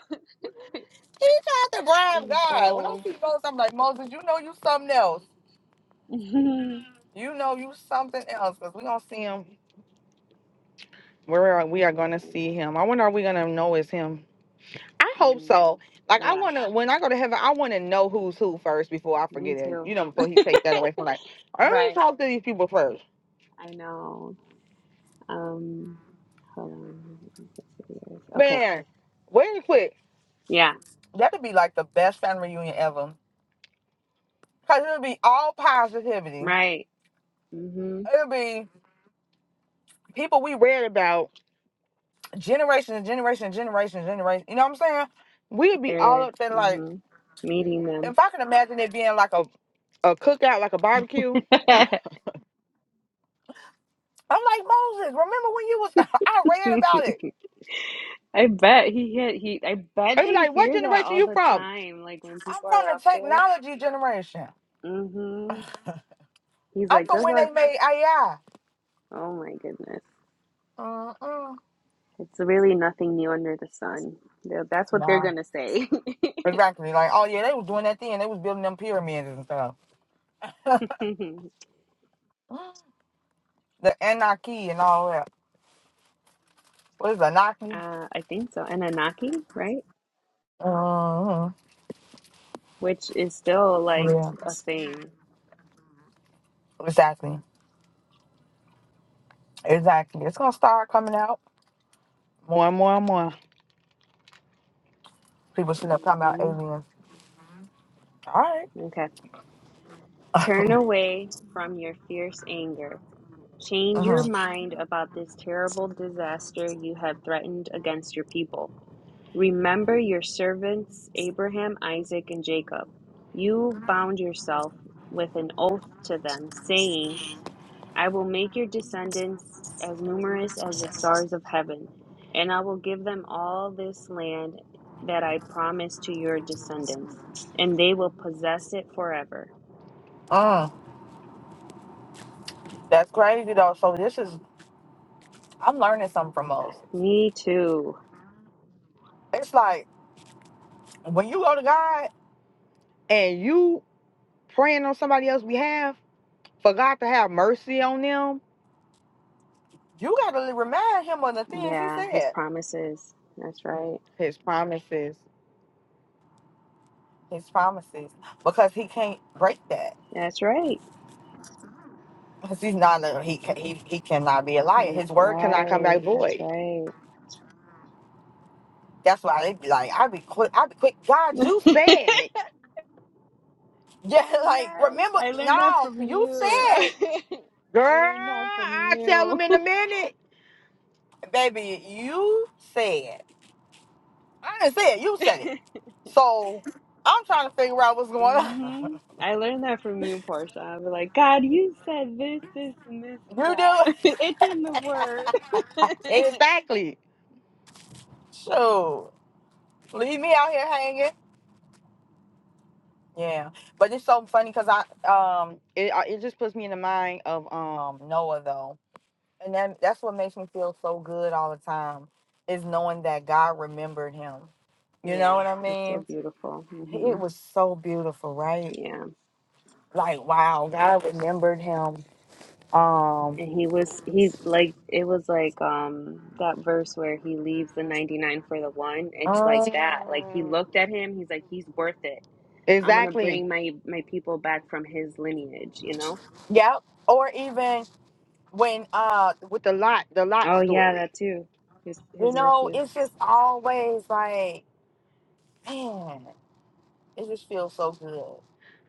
[SPEAKER 1] tried to bribe
[SPEAKER 2] It's
[SPEAKER 1] God. When I
[SPEAKER 2] bold.
[SPEAKER 1] see Moses, I'm like Moses, you know you something else.
[SPEAKER 2] That's
[SPEAKER 1] You know you something else, cause we gonna see him. Where we are
[SPEAKER 2] so
[SPEAKER 1] gonna
[SPEAKER 2] funny.
[SPEAKER 1] see him. I wonder are we gonna know it's him? I hope
[SPEAKER 2] Mm,
[SPEAKER 1] so. Like I
[SPEAKER 2] yeah,
[SPEAKER 1] wanna when I go to heaven, I wanna know who's who first before I
[SPEAKER 2] me
[SPEAKER 1] forget it.
[SPEAKER 2] too.
[SPEAKER 1] You know, before he take that away from like, let me
[SPEAKER 2] Right.
[SPEAKER 1] talk to these people first.
[SPEAKER 2] I know. Um, hold on. Okay.
[SPEAKER 1] Man, wait quick.
[SPEAKER 2] Yeah.
[SPEAKER 1] That'd be like the best family reunion ever. Cause it'll be all positivity.
[SPEAKER 2] Right. Mm-hmm.
[SPEAKER 1] It'll be people we read about generation and generation and generation and generation. You know what I'm saying? We'd be all
[SPEAKER 2] They're
[SPEAKER 1] up there like
[SPEAKER 2] mm-hmm. meeting them.
[SPEAKER 1] if I can imagine it being like a, a cookout, like a barbecue. I'm like Moses, remember when you was I read about it.
[SPEAKER 2] I bet he hit he I bet
[SPEAKER 1] It's
[SPEAKER 2] they
[SPEAKER 1] like, what
[SPEAKER 2] hear that
[SPEAKER 1] generation
[SPEAKER 2] all
[SPEAKER 1] you
[SPEAKER 2] the
[SPEAKER 1] from?
[SPEAKER 2] time, like when
[SPEAKER 1] I'm
[SPEAKER 2] people
[SPEAKER 1] from
[SPEAKER 2] are
[SPEAKER 1] the
[SPEAKER 2] up there.
[SPEAKER 1] technology generation. I'm
[SPEAKER 2] Mm-hmm. He's like,
[SPEAKER 1] from
[SPEAKER 2] good
[SPEAKER 1] when
[SPEAKER 2] luck
[SPEAKER 1] they made AI.
[SPEAKER 2] Oh my goodness.
[SPEAKER 1] Mm-mm.
[SPEAKER 2] It's really nothing new under the sun. Th- That's what they're
[SPEAKER 1] Nah.
[SPEAKER 2] going to say.
[SPEAKER 1] Exactly. Like, oh yeah, they was doing that thing. They was building them pyramids and stuff. The Anarchy and all that. What is Anarchy?
[SPEAKER 2] uh, I think so. Anunnaki, right?
[SPEAKER 1] Mm-hmm.
[SPEAKER 2] Which is still like
[SPEAKER 1] Yeah.
[SPEAKER 2] a thing.
[SPEAKER 1] Exactly. Exactly. It's gonna start coming out. More and more and more. People sitting up talking about
[SPEAKER 2] hmm
[SPEAKER 1] aliens. All right.
[SPEAKER 2] Okay. Turn
[SPEAKER 1] mm-hmm.
[SPEAKER 2] away from your fierce anger. Change your mind about this terrible disaster you have threatened against your people. Remember your servants, Abraham, Isaac, and Jacob. You bound yourself with an oath to them, saying, I will make your descendants as numerous as the stars of heaven, and I will give them all this land that I promised to your descendants, and they will possess it forever.
[SPEAKER 1] mm. That's crazy though. So this is I'm learning something from Moses.
[SPEAKER 2] Me too.
[SPEAKER 1] It's like when you go to God and you praying on somebody else's behalf for God to have mercy on them, You got to remind him of the things he
[SPEAKER 2] Yeah, his
[SPEAKER 1] said,
[SPEAKER 2] promises. That's right.
[SPEAKER 1] His promises. his promises, because he can't break that.
[SPEAKER 2] That's right.
[SPEAKER 1] Because he's not a, he can, he he cannot be a liar. His
[SPEAKER 2] That's
[SPEAKER 1] word Cannot come
[SPEAKER 2] right.
[SPEAKER 1] back
[SPEAKER 2] That's
[SPEAKER 1] void.
[SPEAKER 2] right.
[SPEAKER 1] That's why they be like, I be quick, I be quick. God, you
[SPEAKER 2] yes,
[SPEAKER 1] said, yeah, like remember,
[SPEAKER 2] I learned that
[SPEAKER 1] no,
[SPEAKER 2] from
[SPEAKER 1] you
[SPEAKER 2] you.
[SPEAKER 1] said, Girl,
[SPEAKER 2] I learned that from
[SPEAKER 1] I tell
[SPEAKER 2] you.
[SPEAKER 1] him in a minute. baby, you said. I didn't say it. You said it. So I'm trying to figure out what's going on.
[SPEAKER 2] hmm I learned that from you, Portia. I was like, God, you said this, this, and this, and
[SPEAKER 1] You do it.
[SPEAKER 2] that. it's in the word.
[SPEAKER 1] exactly. So leave me out here hanging. Yeah, but it's so funny because I um it I- it just puts me in the mind of um Noah though, and that that's what makes me feel so good all the time is knowing that God remembered him. You know
[SPEAKER 2] yeah,
[SPEAKER 1] what I
[SPEAKER 2] it's so
[SPEAKER 1] mean?
[SPEAKER 2] beautiful.
[SPEAKER 1] It
[SPEAKER 2] hmm
[SPEAKER 1] was so beautiful, right?
[SPEAKER 2] Yeah,
[SPEAKER 1] Like wow, God remembered him. Um,
[SPEAKER 2] and he was he like it was like um that verse where he leaves the ninety nine for the one. It's like that. Like he
[SPEAKER 1] Mm.
[SPEAKER 2] looked at him. He's like, he's worth it. I'm gonna
[SPEAKER 1] Exactly.
[SPEAKER 2] bring my my people back from his lineage. You know.
[SPEAKER 1] Yep. Or even when uh With the lot, the lot
[SPEAKER 2] Oh yeah, that
[SPEAKER 1] story.
[SPEAKER 2] too. His
[SPEAKER 1] you
[SPEAKER 2] his
[SPEAKER 1] know,
[SPEAKER 2] nephew.
[SPEAKER 1] it's just always like, man, it just feels so good.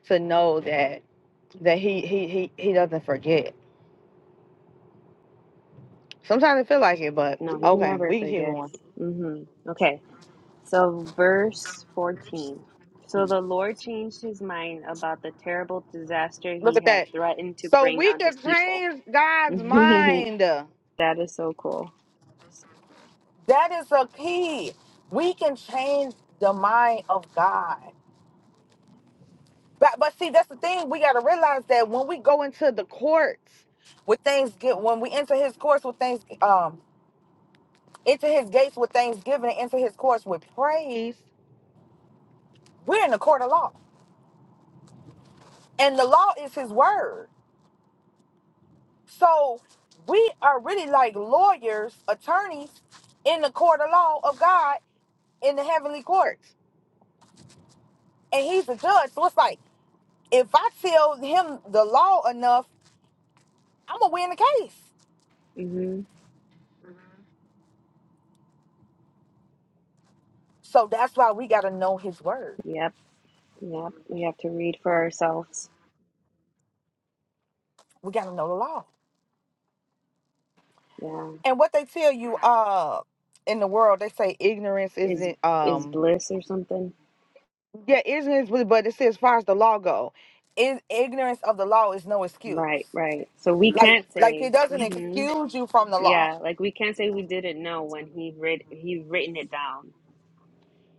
[SPEAKER 1] to know that that he he he he doesn't forget. Sometimes it feel like it, but
[SPEAKER 2] No, he
[SPEAKER 1] okay,
[SPEAKER 2] never
[SPEAKER 1] we can keep
[SPEAKER 2] forgets.
[SPEAKER 1] going.
[SPEAKER 2] hmm Okay. So, verse 14. So the Lord changed his mind about the terrible disaster
[SPEAKER 1] Look
[SPEAKER 2] he
[SPEAKER 1] at
[SPEAKER 2] had
[SPEAKER 1] that.
[SPEAKER 2] threatened to
[SPEAKER 1] So
[SPEAKER 2] bring
[SPEAKER 1] we
[SPEAKER 2] on
[SPEAKER 1] can
[SPEAKER 2] his people.
[SPEAKER 1] change God's
[SPEAKER 2] that
[SPEAKER 1] mind. That
[SPEAKER 2] is so cool.
[SPEAKER 1] is a key. We can change the mind of God. But but see, that's the thing. We gotta realize that when we go into the courts with things get when we enter his courts with things um into his gates with thanksgiving and into his courts with praise, we're in the court of law. And the law is his word. So we are really like lawyers, attorneys in the court of law of God in the heavenly courts. And he's the judge. So it's like if I tell him the law enough, I'm gonna win the case.
[SPEAKER 2] hmm
[SPEAKER 1] So that's why we gotta know his word.
[SPEAKER 2] Yep, yep. We have to read for ourselves.
[SPEAKER 1] We gotta know the law
[SPEAKER 2] Yeah.
[SPEAKER 1] and what they tell you uh in the world they say ignorance
[SPEAKER 2] Is
[SPEAKER 1] isn't
[SPEAKER 2] is
[SPEAKER 1] um
[SPEAKER 2] bliss or something?
[SPEAKER 1] yeah ignorance but but it says as far as the law go is ignorance of the law is no
[SPEAKER 2] Right,
[SPEAKER 1] excuse
[SPEAKER 2] right. So we
[SPEAKER 1] like
[SPEAKER 2] can't
[SPEAKER 1] like
[SPEAKER 2] say.
[SPEAKER 1] it doesn't
[SPEAKER 2] hmm
[SPEAKER 1] excuse you from the law
[SPEAKER 2] Yeah, like we can't say we didn't know when he read he written it down.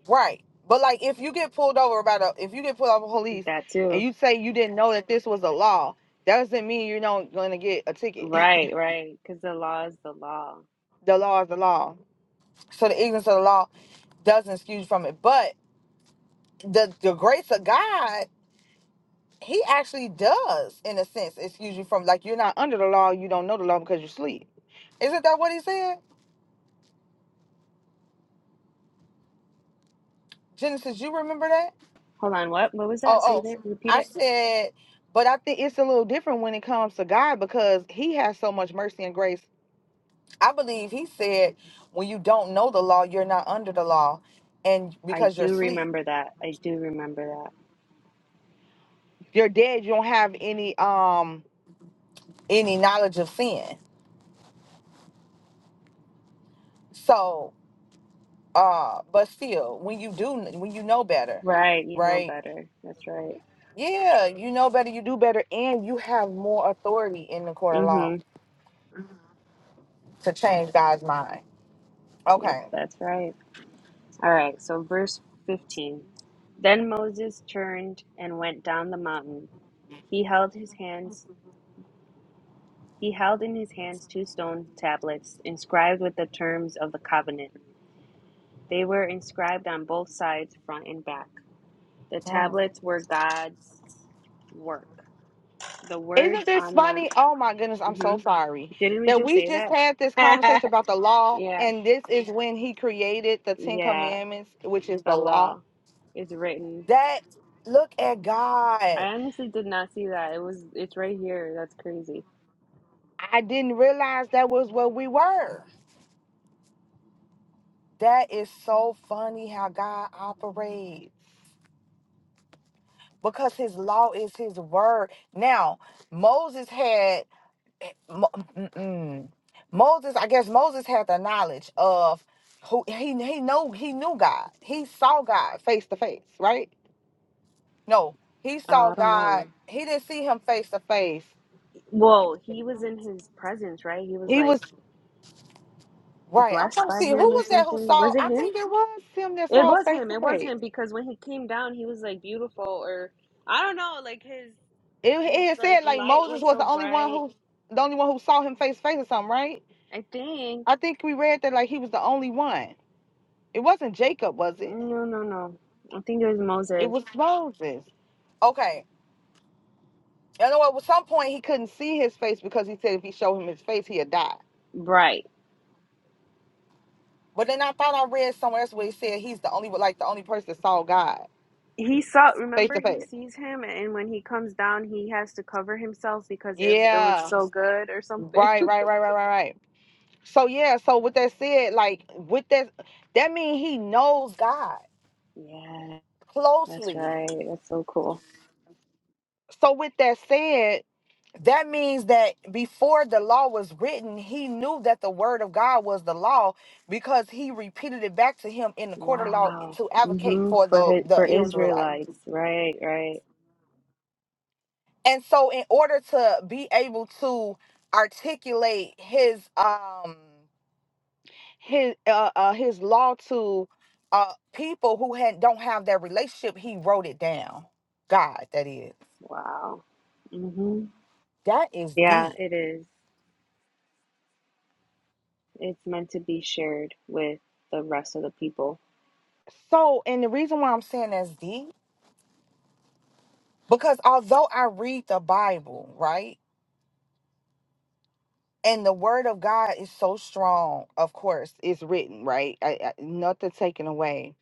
[SPEAKER 1] right but like if you get pulled over by the if you get pulled over by police
[SPEAKER 2] That
[SPEAKER 1] and
[SPEAKER 2] too.
[SPEAKER 1] you say you didn't know that this was a law that doesn't mean you're not going to get a ticket
[SPEAKER 2] Right, right. Because the law is the law.
[SPEAKER 1] the law is the law so the ignorance of the law doesn't excuse you from it but the the grace of god he actually does in a sense excuse you from like you're not under the law you don't know the law because you sleep isn't that what he said genesis you remember that
[SPEAKER 2] Hold on, what what was
[SPEAKER 1] oh
[SPEAKER 2] that? Say that.
[SPEAKER 1] oh
[SPEAKER 2] Repeat
[SPEAKER 1] i
[SPEAKER 2] it.
[SPEAKER 1] said but i think it's a little different when it comes to god because he has so much mercy and grace i believe he said when you don't know the law you're not under the law and
[SPEAKER 2] I
[SPEAKER 1] because you're
[SPEAKER 2] do
[SPEAKER 1] asleep
[SPEAKER 2] remember that. I do remember that.
[SPEAKER 1] you're dead you don't have any um any knowledge of sin so uh but still when you do when you know better
[SPEAKER 2] Right, you know
[SPEAKER 1] right
[SPEAKER 2] better. That's right.
[SPEAKER 1] Yeah, you know better, you do better, and you have more authority in the court of law
[SPEAKER 2] Mhm.
[SPEAKER 1] to change God's mind.
[SPEAKER 2] Yep,
[SPEAKER 1] Okay.
[SPEAKER 2] that's right. All right, so verse 15. Then Moses turned and went down the mountain. He held his hands he held in his hands two stone tablets inscribed with the terms of the covenant. They were inscribed on both sides, front and back. The
[SPEAKER 1] Mm.
[SPEAKER 2] tablets were God's work. The
[SPEAKER 1] Isn't
[SPEAKER 2] words
[SPEAKER 1] this
[SPEAKER 2] on them.
[SPEAKER 1] funny? Oh my goodness, I'm
[SPEAKER 2] mhm.
[SPEAKER 1] so sorry
[SPEAKER 2] Didn't we
[SPEAKER 1] that
[SPEAKER 2] just
[SPEAKER 1] we
[SPEAKER 2] say
[SPEAKER 1] just
[SPEAKER 2] that?
[SPEAKER 1] had this conversation about the law,
[SPEAKER 2] yeah,
[SPEAKER 1] and this is when He created the Ten
[SPEAKER 2] yeah,
[SPEAKER 1] Commandments, which is
[SPEAKER 2] the
[SPEAKER 1] the law.
[SPEAKER 2] law is written.
[SPEAKER 1] That look at
[SPEAKER 2] I
[SPEAKER 1] God.
[SPEAKER 2] honestly did not see that. It was, it's right here. That's crazy.
[SPEAKER 1] I didn't realize that was what we were. That is so funny how God operates. because his law is his word. Now, Moses had Mo- mm-mm. Moses, I guess Moses had the knowledge of who he he know he knew God. He saw God face to face, right? No, he
[SPEAKER 2] Uh,
[SPEAKER 1] saw
[SPEAKER 2] I don't
[SPEAKER 1] God.
[SPEAKER 2] know.
[SPEAKER 1] He didn't see him face to face.
[SPEAKER 2] Well, he was in his presence, right? He was
[SPEAKER 1] He
[SPEAKER 2] like
[SPEAKER 1] was right. I'm
[SPEAKER 2] blessed
[SPEAKER 1] trying to
[SPEAKER 2] by
[SPEAKER 1] see who
[SPEAKER 2] him or
[SPEAKER 1] was that who
[SPEAKER 2] something.
[SPEAKER 1] saw.
[SPEAKER 2] Was it
[SPEAKER 1] I
[SPEAKER 2] him?
[SPEAKER 1] think it was him that
[SPEAKER 2] It
[SPEAKER 1] saw
[SPEAKER 2] was
[SPEAKER 1] face
[SPEAKER 2] him.
[SPEAKER 1] to
[SPEAKER 2] It was
[SPEAKER 1] face.
[SPEAKER 2] him because when he came down, he was like beautiful or I don't know, like his
[SPEAKER 1] It,
[SPEAKER 2] his
[SPEAKER 1] it
[SPEAKER 2] like
[SPEAKER 1] said like
[SPEAKER 2] light
[SPEAKER 1] Moses
[SPEAKER 2] was
[SPEAKER 1] was
[SPEAKER 2] so
[SPEAKER 1] the only one
[SPEAKER 2] bright.
[SPEAKER 1] who the only one who saw him face to face or something, right?
[SPEAKER 2] I think
[SPEAKER 1] I think we read that like he was the only one. It wasn't Jacob, was it?
[SPEAKER 2] no, no, no. I think it was
[SPEAKER 1] It
[SPEAKER 2] Moses.
[SPEAKER 1] was Moses. Okay. You know what? At some point, he couldn't see his face because he said if he showed him his face, he'd die.
[SPEAKER 2] Right.
[SPEAKER 1] But then I thought I read somewhere else where he said he's the only, like the only person that saw God
[SPEAKER 2] he saw
[SPEAKER 1] face
[SPEAKER 2] remember
[SPEAKER 1] to
[SPEAKER 2] he
[SPEAKER 1] face.
[SPEAKER 2] sees him and when he comes down he has to cover himself because it, it was
[SPEAKER 1] Yeah.
[SPEAKER 2] so good or something
[SPEAKER 1] Right, right, right, right, right, right. So yeah, so with that said, like with that, that means he knows God
[SPEAKER 2] yeah that's
[SPEAKER 1] closely.
[SPEAKER 2] right that's so cool
[SPEAKER 1] So with that said, That means that before the law was written, he knew that the word of God was the law because he repeated it back to him in the court of law
[SPEAKER 2] wow
[SPEAKER 1] to advocate
[SPEAKER 2] hmm
[SPEAKER 1] for
[SPEAKER 2] for
[SPEAKER 1] the,
[SPEAKER 2] his,
[SPEAKER 1] the
[SPEAKER 2] for
[SPEAKER 1] Israelite.
[SPEAKER 2] israelites right right
[SPEAKER 1] And so in order to be able to articulate his um his uh, uh his law to uh people who had don't have that relationship, he wrote it down. God, that is.
[SPEAKER 2] wow hmm
[SPEAKER 1] That is
[SPEAKER 2] yeah
[SPEAKER 1] deep.
[SPEAKER 2] it is it's meant to be shared with the rest of the people
[SPEAKER 1] So and the reason why I'm saying that's deep Because although I read the Bible, right? And the word of God is so strong, of course, it's written, right? I, I, nothing taken away.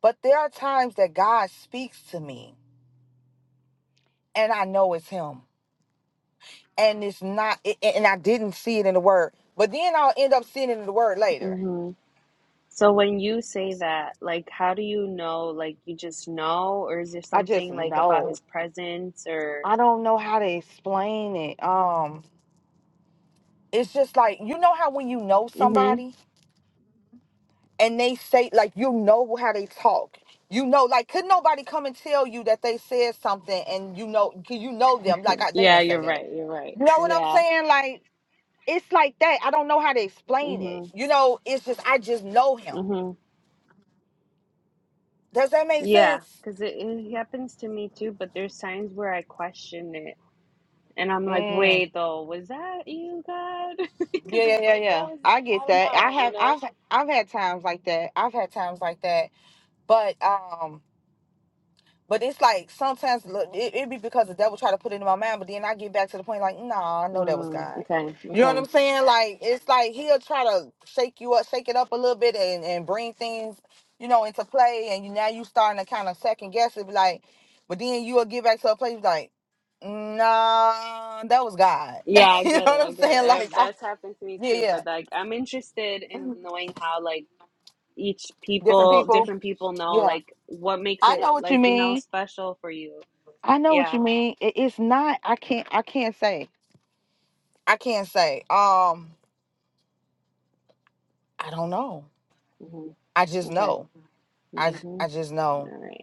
[SPEAKER 1] But there are times that God speaks to me and I know it's Him. And it's not, it, and and I didn't see it in the word. But then I'll end up seeing it in the word later.
[SPEAKER 2] hmm so when you say that like how do you know like you just know or is there
[SPEAKER 1] I just
[SPEAKER 2] something like about
[SPEAKER 1] know.
[SPEAKER 2] his presence or
[SPEAKER 1] I don't know how to explain it. Um, It's just like, you know how when you know
[SPEAKER 2] Mm-hmm.
[SPEAKER 1] somebody? and they say like you know how they talk. You know, like could nobody come and tell you that they said something and you know 'cause you know them like I, they
[SPEAKER 2] Yeah,
[SPEAKER 1] didn't say
[SPEAKER 2] you're
[SPEAKER 1] that.
[SPEAKER 2] right. You're right.
[SPEAKER 1] You know what I'm
[SPEAKER 2] Yeah.
[SPEAKER 1] saying? Like it's like that. I don't know how to explain it.
[SPEAKER 2] Mhm.
[SPEAKER 1] You know, it's just I just know him.
[SPEAKER 2] Mhm.
[SPEAKER 1] Does that make
[SPEAKER 2] Yeah,
[SPEAKER 1] sense?
[SPEAKER 2] because it, it happens to me too. But there's times where I question it, and I'm like,
[SPEAKER 1] Mm,
[SPEAKER 2] "Wait, though, was that you, God?"
[SPEAKER 1] yeah,
[SPEAKER 2] Because
[SPEAKER 1] yeah,
[SPEAKER 2] I'm
[SPEAKER 1] yeah,
[SPEAKER 2] like, "That
[SPEAKER 1] yeah.
[SPEAKER 2] was
[SPEAKER 1] I
[SPEAKER 2] I
[SPEAKER 1] get
[SPEAKER 2] don't
[SPEAKER 1] that.
[SPEAKER 2] know,"
[SPEAKER 1] I
[SPEAKER 2] you
[SPEAKER 1] have
[SPEAKER 2] know.
[SPEAKER 1] I've I've had times like that. I've had times like that. But But it's like sometimes look, it, it be because the devil try to put it in my mind, but then I get back to the point like, nah, I know that was
[SPEAKER 2] Mm,
[SPEAKER 1] God.
[SPEAKER 2] okay.
[SPEAKER 1] You know what
[SPEAKER 2] Okay.
[SPEAKER 1] I'm saying? Like it's like he'll try to shake you up, shake it up a little bit, and, and bring things, you know, into play, and you now you starting to kind of second guess it, be like, but then you'll get back to a place like, nah, that was God.
[SPEAKER 2] Yeah, I
[SPEAKER 1] you know
[SPEAKER 2] get it.
[SPEAKER 1] what
[SPEAKER 2] I
[SPEAKER 1] I'm
[SPEAKER 2] get it.
[SPEAKER 1] saying?
[SPEAKER 2] Uh,
[SPEAKER 1] Like, I,
[SPEAKER 2] That's happened to me
[SPEAKER 1] yeah,
[SPEAKER 2] too.
[SPEAKER 1] yeah,
[SPEAKER 2] But like, I'm interested in knowing how like each
[SPEAKER 1] different
[SPEAKER 2] people,
[SPEAKER 1] people,
[SPEAKER 2] different people know
[SPEAKER 1] yeah.
[SPEAKER 2] like what makes
[SPEAKER 1] I
[SPEAKER 2] it
[SPEAKER 1] know what you
[SPEAKER 2] like you know
[SPEAKER 1] mean.
[SPEAKER 2] special for you.
[SPEAKER 1] I know what
[SPEAKER 2] Yeah.
[SPEAKER 1] you mean. It, it's not. I can't. I can't say. I can't say. Um, I don't know.
[SPEAKER 2] Mm-hmm.
[SPEAKER 1] I just
[SPEAKER 2] Okay.
[SPEAKER 1] know. I j-
[SPEAKER 2] Mm-hmm.
[SPEAKER 1] I
[SPEAKER 2] All
[SPEAKER 1] just know.
[SPEAKER 2] right.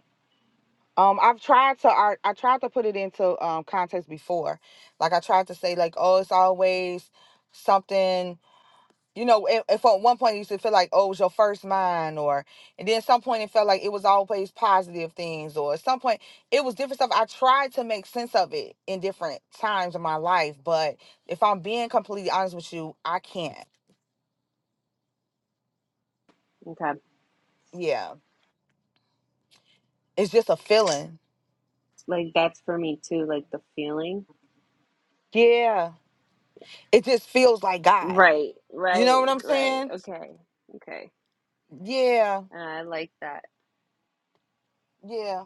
[SPEAKER 1] Um, I've tried to I, I tried to put it into um context before. Like I tried to say like, oh, it's always something. You know, if, if at one point it used to feel like, oh, it was your first mind, or and then some point it felt like it was always positive things, or at some point it was different stuff. I tried to make sense of it in different times of my life, but if I'm being completely honest with you, I can't.
[SPEAKER 2] Okay.
[SPEAKER 1] Yeah, it's just a feeling
[SPEAKER 2] Like that's for me too, like the feeling.
[SPEAKER 1] Yeah. It just feels like God.
[SPEAKER 2] Right,
[SPEAKER 1] You know
[SPEAKER 2] right,
[SPEAKER 1] what I'm
[SPEAKER 2] right.
[SPEAKER 1] saying?
[SPEAKER 2] Okay, okay.
[SPEAKER 1] Yeah.
[SPEAKER 2] And I like that.
[SPEAKER 1] Yeah.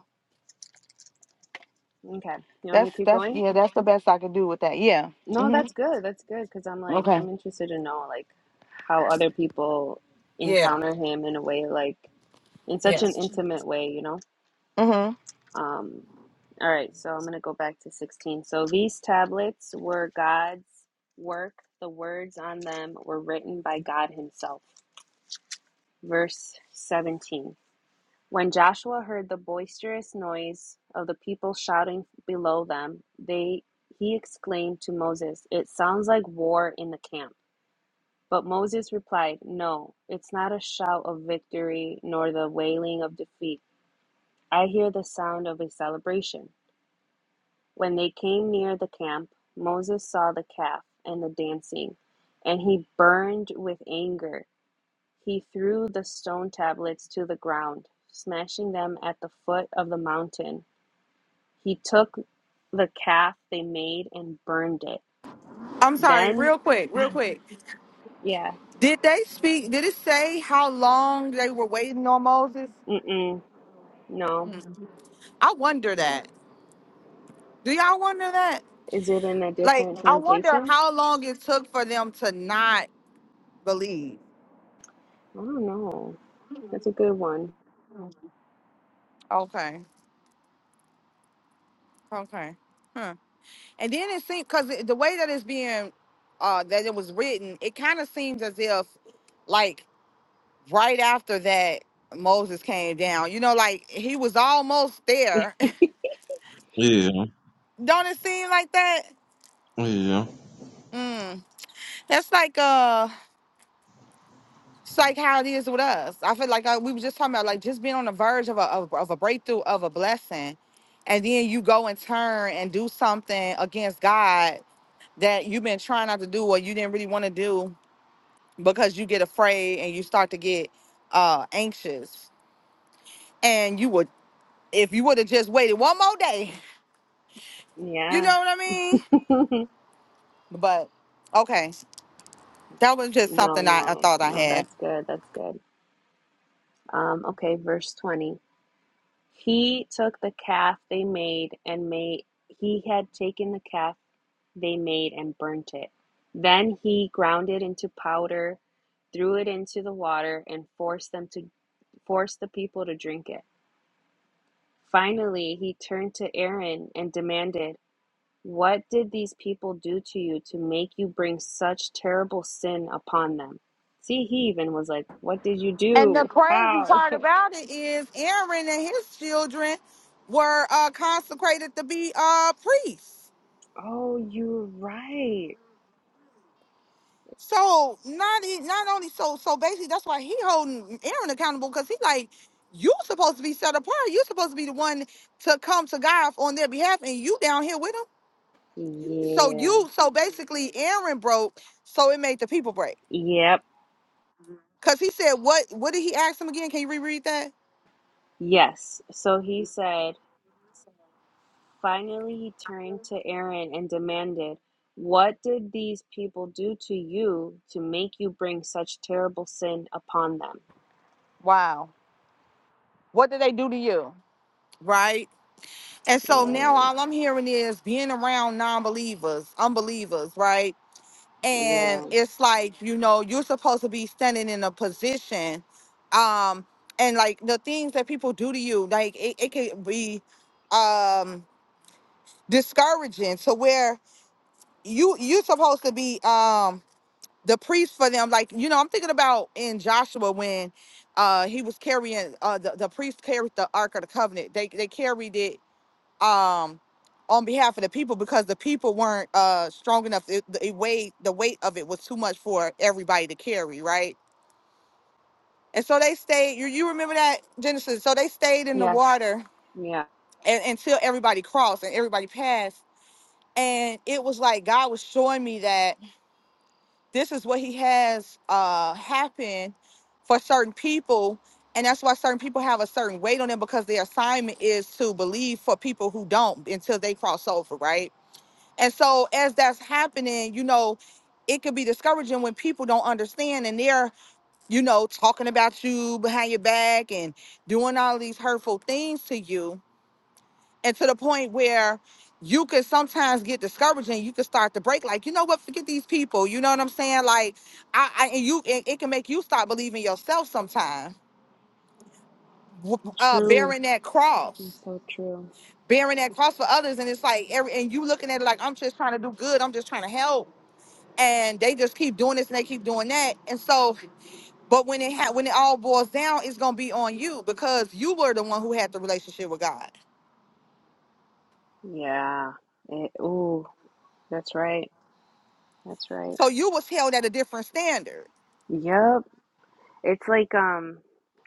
[SPEAKER 2] Okay. You want me
[SPEAKER 1] That's
[SPEAKER 2] to keep
[SPEAKER 1] that's
[SPEAKER 2] going?
[SPEAKER 1] yeah, that's the best I can do with that. Yeah.
[SPEAKER 2] No,
[SPEAKER 1] hmm
[SPEAKER 2] that's good. That's good because I'm like
[SPEAKER 1] Okay.
[SPEAKER 2] I'm interested to know like how other people
[SPEAKER 1] Yeah.
[SPEAKER 2] encounter him in a way like in such
[SPEAKER 1] Yeah.
[SPEAKER 2] an intimate way, you know?
[SPEAKER 1] hmm
[SPEAKER 2] Um all right, so I'm going to go back to 16. So these tablets were God's work. The words on them were written by God himself. Verse 17. When Joshua heard the boisterous noise of the people shouting below them, they, he exclaimed to Moses, It sounds like war in the camp. But Moses replied, No, it's not a shout of victory nor the wailing of defeat. I hear the sound of a celebration. When they came near the camp, Moses saw the calf and the dancing, and he burned with anger. He threw the stone tablets to the ground, smashing them at the foot of the mountain. He took the calf they made and burned it.
[SPEAKER 1] I'm sorry,
[SPEAKER 2] Then,
[SPEAKER 1] real quick, real quick.
[SPEAKER 2] yeah,
[SPEAKER 1] Did they speak? Did it say how long they were waiting on Moses?
[SPEAKER 2] mm-mm, no.
[SPEAKER 1] Mm. I wonder that. Do y'all wonder that?
[SPEAKER 2] Is it in a
[SPEAKER 1] Like,
[SPEAKER 2] different
[SPEAKER 1] I wonder
[SPEAKER 2] translation?
[SPEAKER 1] how long it took for them to not believe.
[SPEAKER 2] I don't know. That's a good one.
[SPEAKER 1] Okay. Okay. Huh. And then it seemed because the way that it's being uh that it was written, it kind of seems as if like right after that Moses came down. You know, like he was almost there.
[SPEAKER 3] Yeah,
[SPEAKER 1] Don't it seem like that?
[SPEAKER 3] yeah.
[SPEAKER 1] Mm. That's like uh it's like how it is with us. I feel like uh we were just talking about like just being on the verge of a of, of a breakthrough of a blessing, and then you go and turn and do something against God that you've been trying not to do or you didn't really want to do because you get afraid and you start to get uh anxious and you would if you would have just waited one more day you
[SPEAKER 2] Yeah.
[SPEAKER 1] know what i mean
[SPEAKER 2] no,
[SPEAKER 1] but okay that was just something I, I
[SPEAKER 2] no,
[SPEAKER 1] thought i
[SPEAKER 2] no,
[SPEAKER 1] had
[SPEAKER 2] that's good. That's good. Um, okay, verse 20. He took the calf they made and made, he had taken the calf they made and burnt it. Then he ground it into powder, threw it into the water, and forced them to force the people to drink it. Finally, he turned to Aaron and demanded, What did these people do to you to make you bring such terrible sin upon them? See, he even was like, What did you
[SPEAKER 1] and the
[SPEAKER 2] do?
[SPEAKER 1] crazy
[SPEAKER 2] How?
[SPEAKER 1] part about it is aaron and his children were uh consecrated to be uh priests
[SPEAKER 2] Oh, you're right.
[SPEAKER 1] So not e- not only so so basically that's why he holding Aaron accountable because he like you supposed to be set apart. You supposed to be the one to come to God on their behalf, and you down here with him. So
[SPEAKER 2] Yeah.
[SPEAKER 1] you so basically Aaron broke, so it made the people break.
[SPEAKER 2] Yep.
[SPEAKER 1] Cause he said what what did he ask him again? Can you reread that?
[SPEAKER 2] Yes. So he said, Finally, he turned to Aaron and demanded, What did these people do to you to make you bring such terrible sin upon them?
[SPEAKER 1] Wow. What did they do to you? Right. And so now
[SPEAKER 2] Yeah.
[SPEAKER 1] all I'm hearing is being around non-believers, unbelievers, right? and
[SPEAKER 2] Yeah.
[SPEAKER 1] it's like you know you're supposed to be standing in a position um and like the things that people do to you like it, it can be um discouraging to where you you're supposed to be um the priest for them like you know i'm thinking about in joshua when uh he was carrying uh the, the priest carried the ark of the covenant they they carried it um on behalf of the people because the people weren't uh strong enough it, the it weighed the weight of it was too much for everybody to carry right and so they stayed you, you remember that genesis so they stayed in the
[SPEAKER 2] Yes.
[SPEAKER 1] water
[SPEAKER 2] Yeah.
[SPEAKER 1] and, until everybody crossed and everybody passed and it was like god was showing me that this is what he has uh happen for certain people and that's why certain people have a certain weight on them because their assignment is to believe for people who don't until they cross over right And so as that's happening, you know, it could be discouraging when people don't understand and they're, you know, talking about you behind your back and doing all these hurtful things to you. And to the point where you could sometimes get discouraged and you could start to break, like, you know what, forget these people. You know what I'm saying? Like, I, I and you, it, it can make you stop believing yourself sometimes, w- uh,
[SPEAKER 2] True.
[SPEAKER 1] bearing that cross,
[SPEAKER 2] It's so true.
[SPEAKER 1] bearing that cross for others. And it's like, every, and you looking at it like, I'm just trying to do good. I'm just trying to help and they just keep doing this and they keep doing that. And so, but when it ha- when it all boils down, it's gonna be on you because you were the one who had the relationship with God.
[SPEAKER 2] Yeah. It, ooh, that's right. That's right.
[SPEAKER 1] So you was held at a different standard.
[SPEAKER 2] Yep. It's like um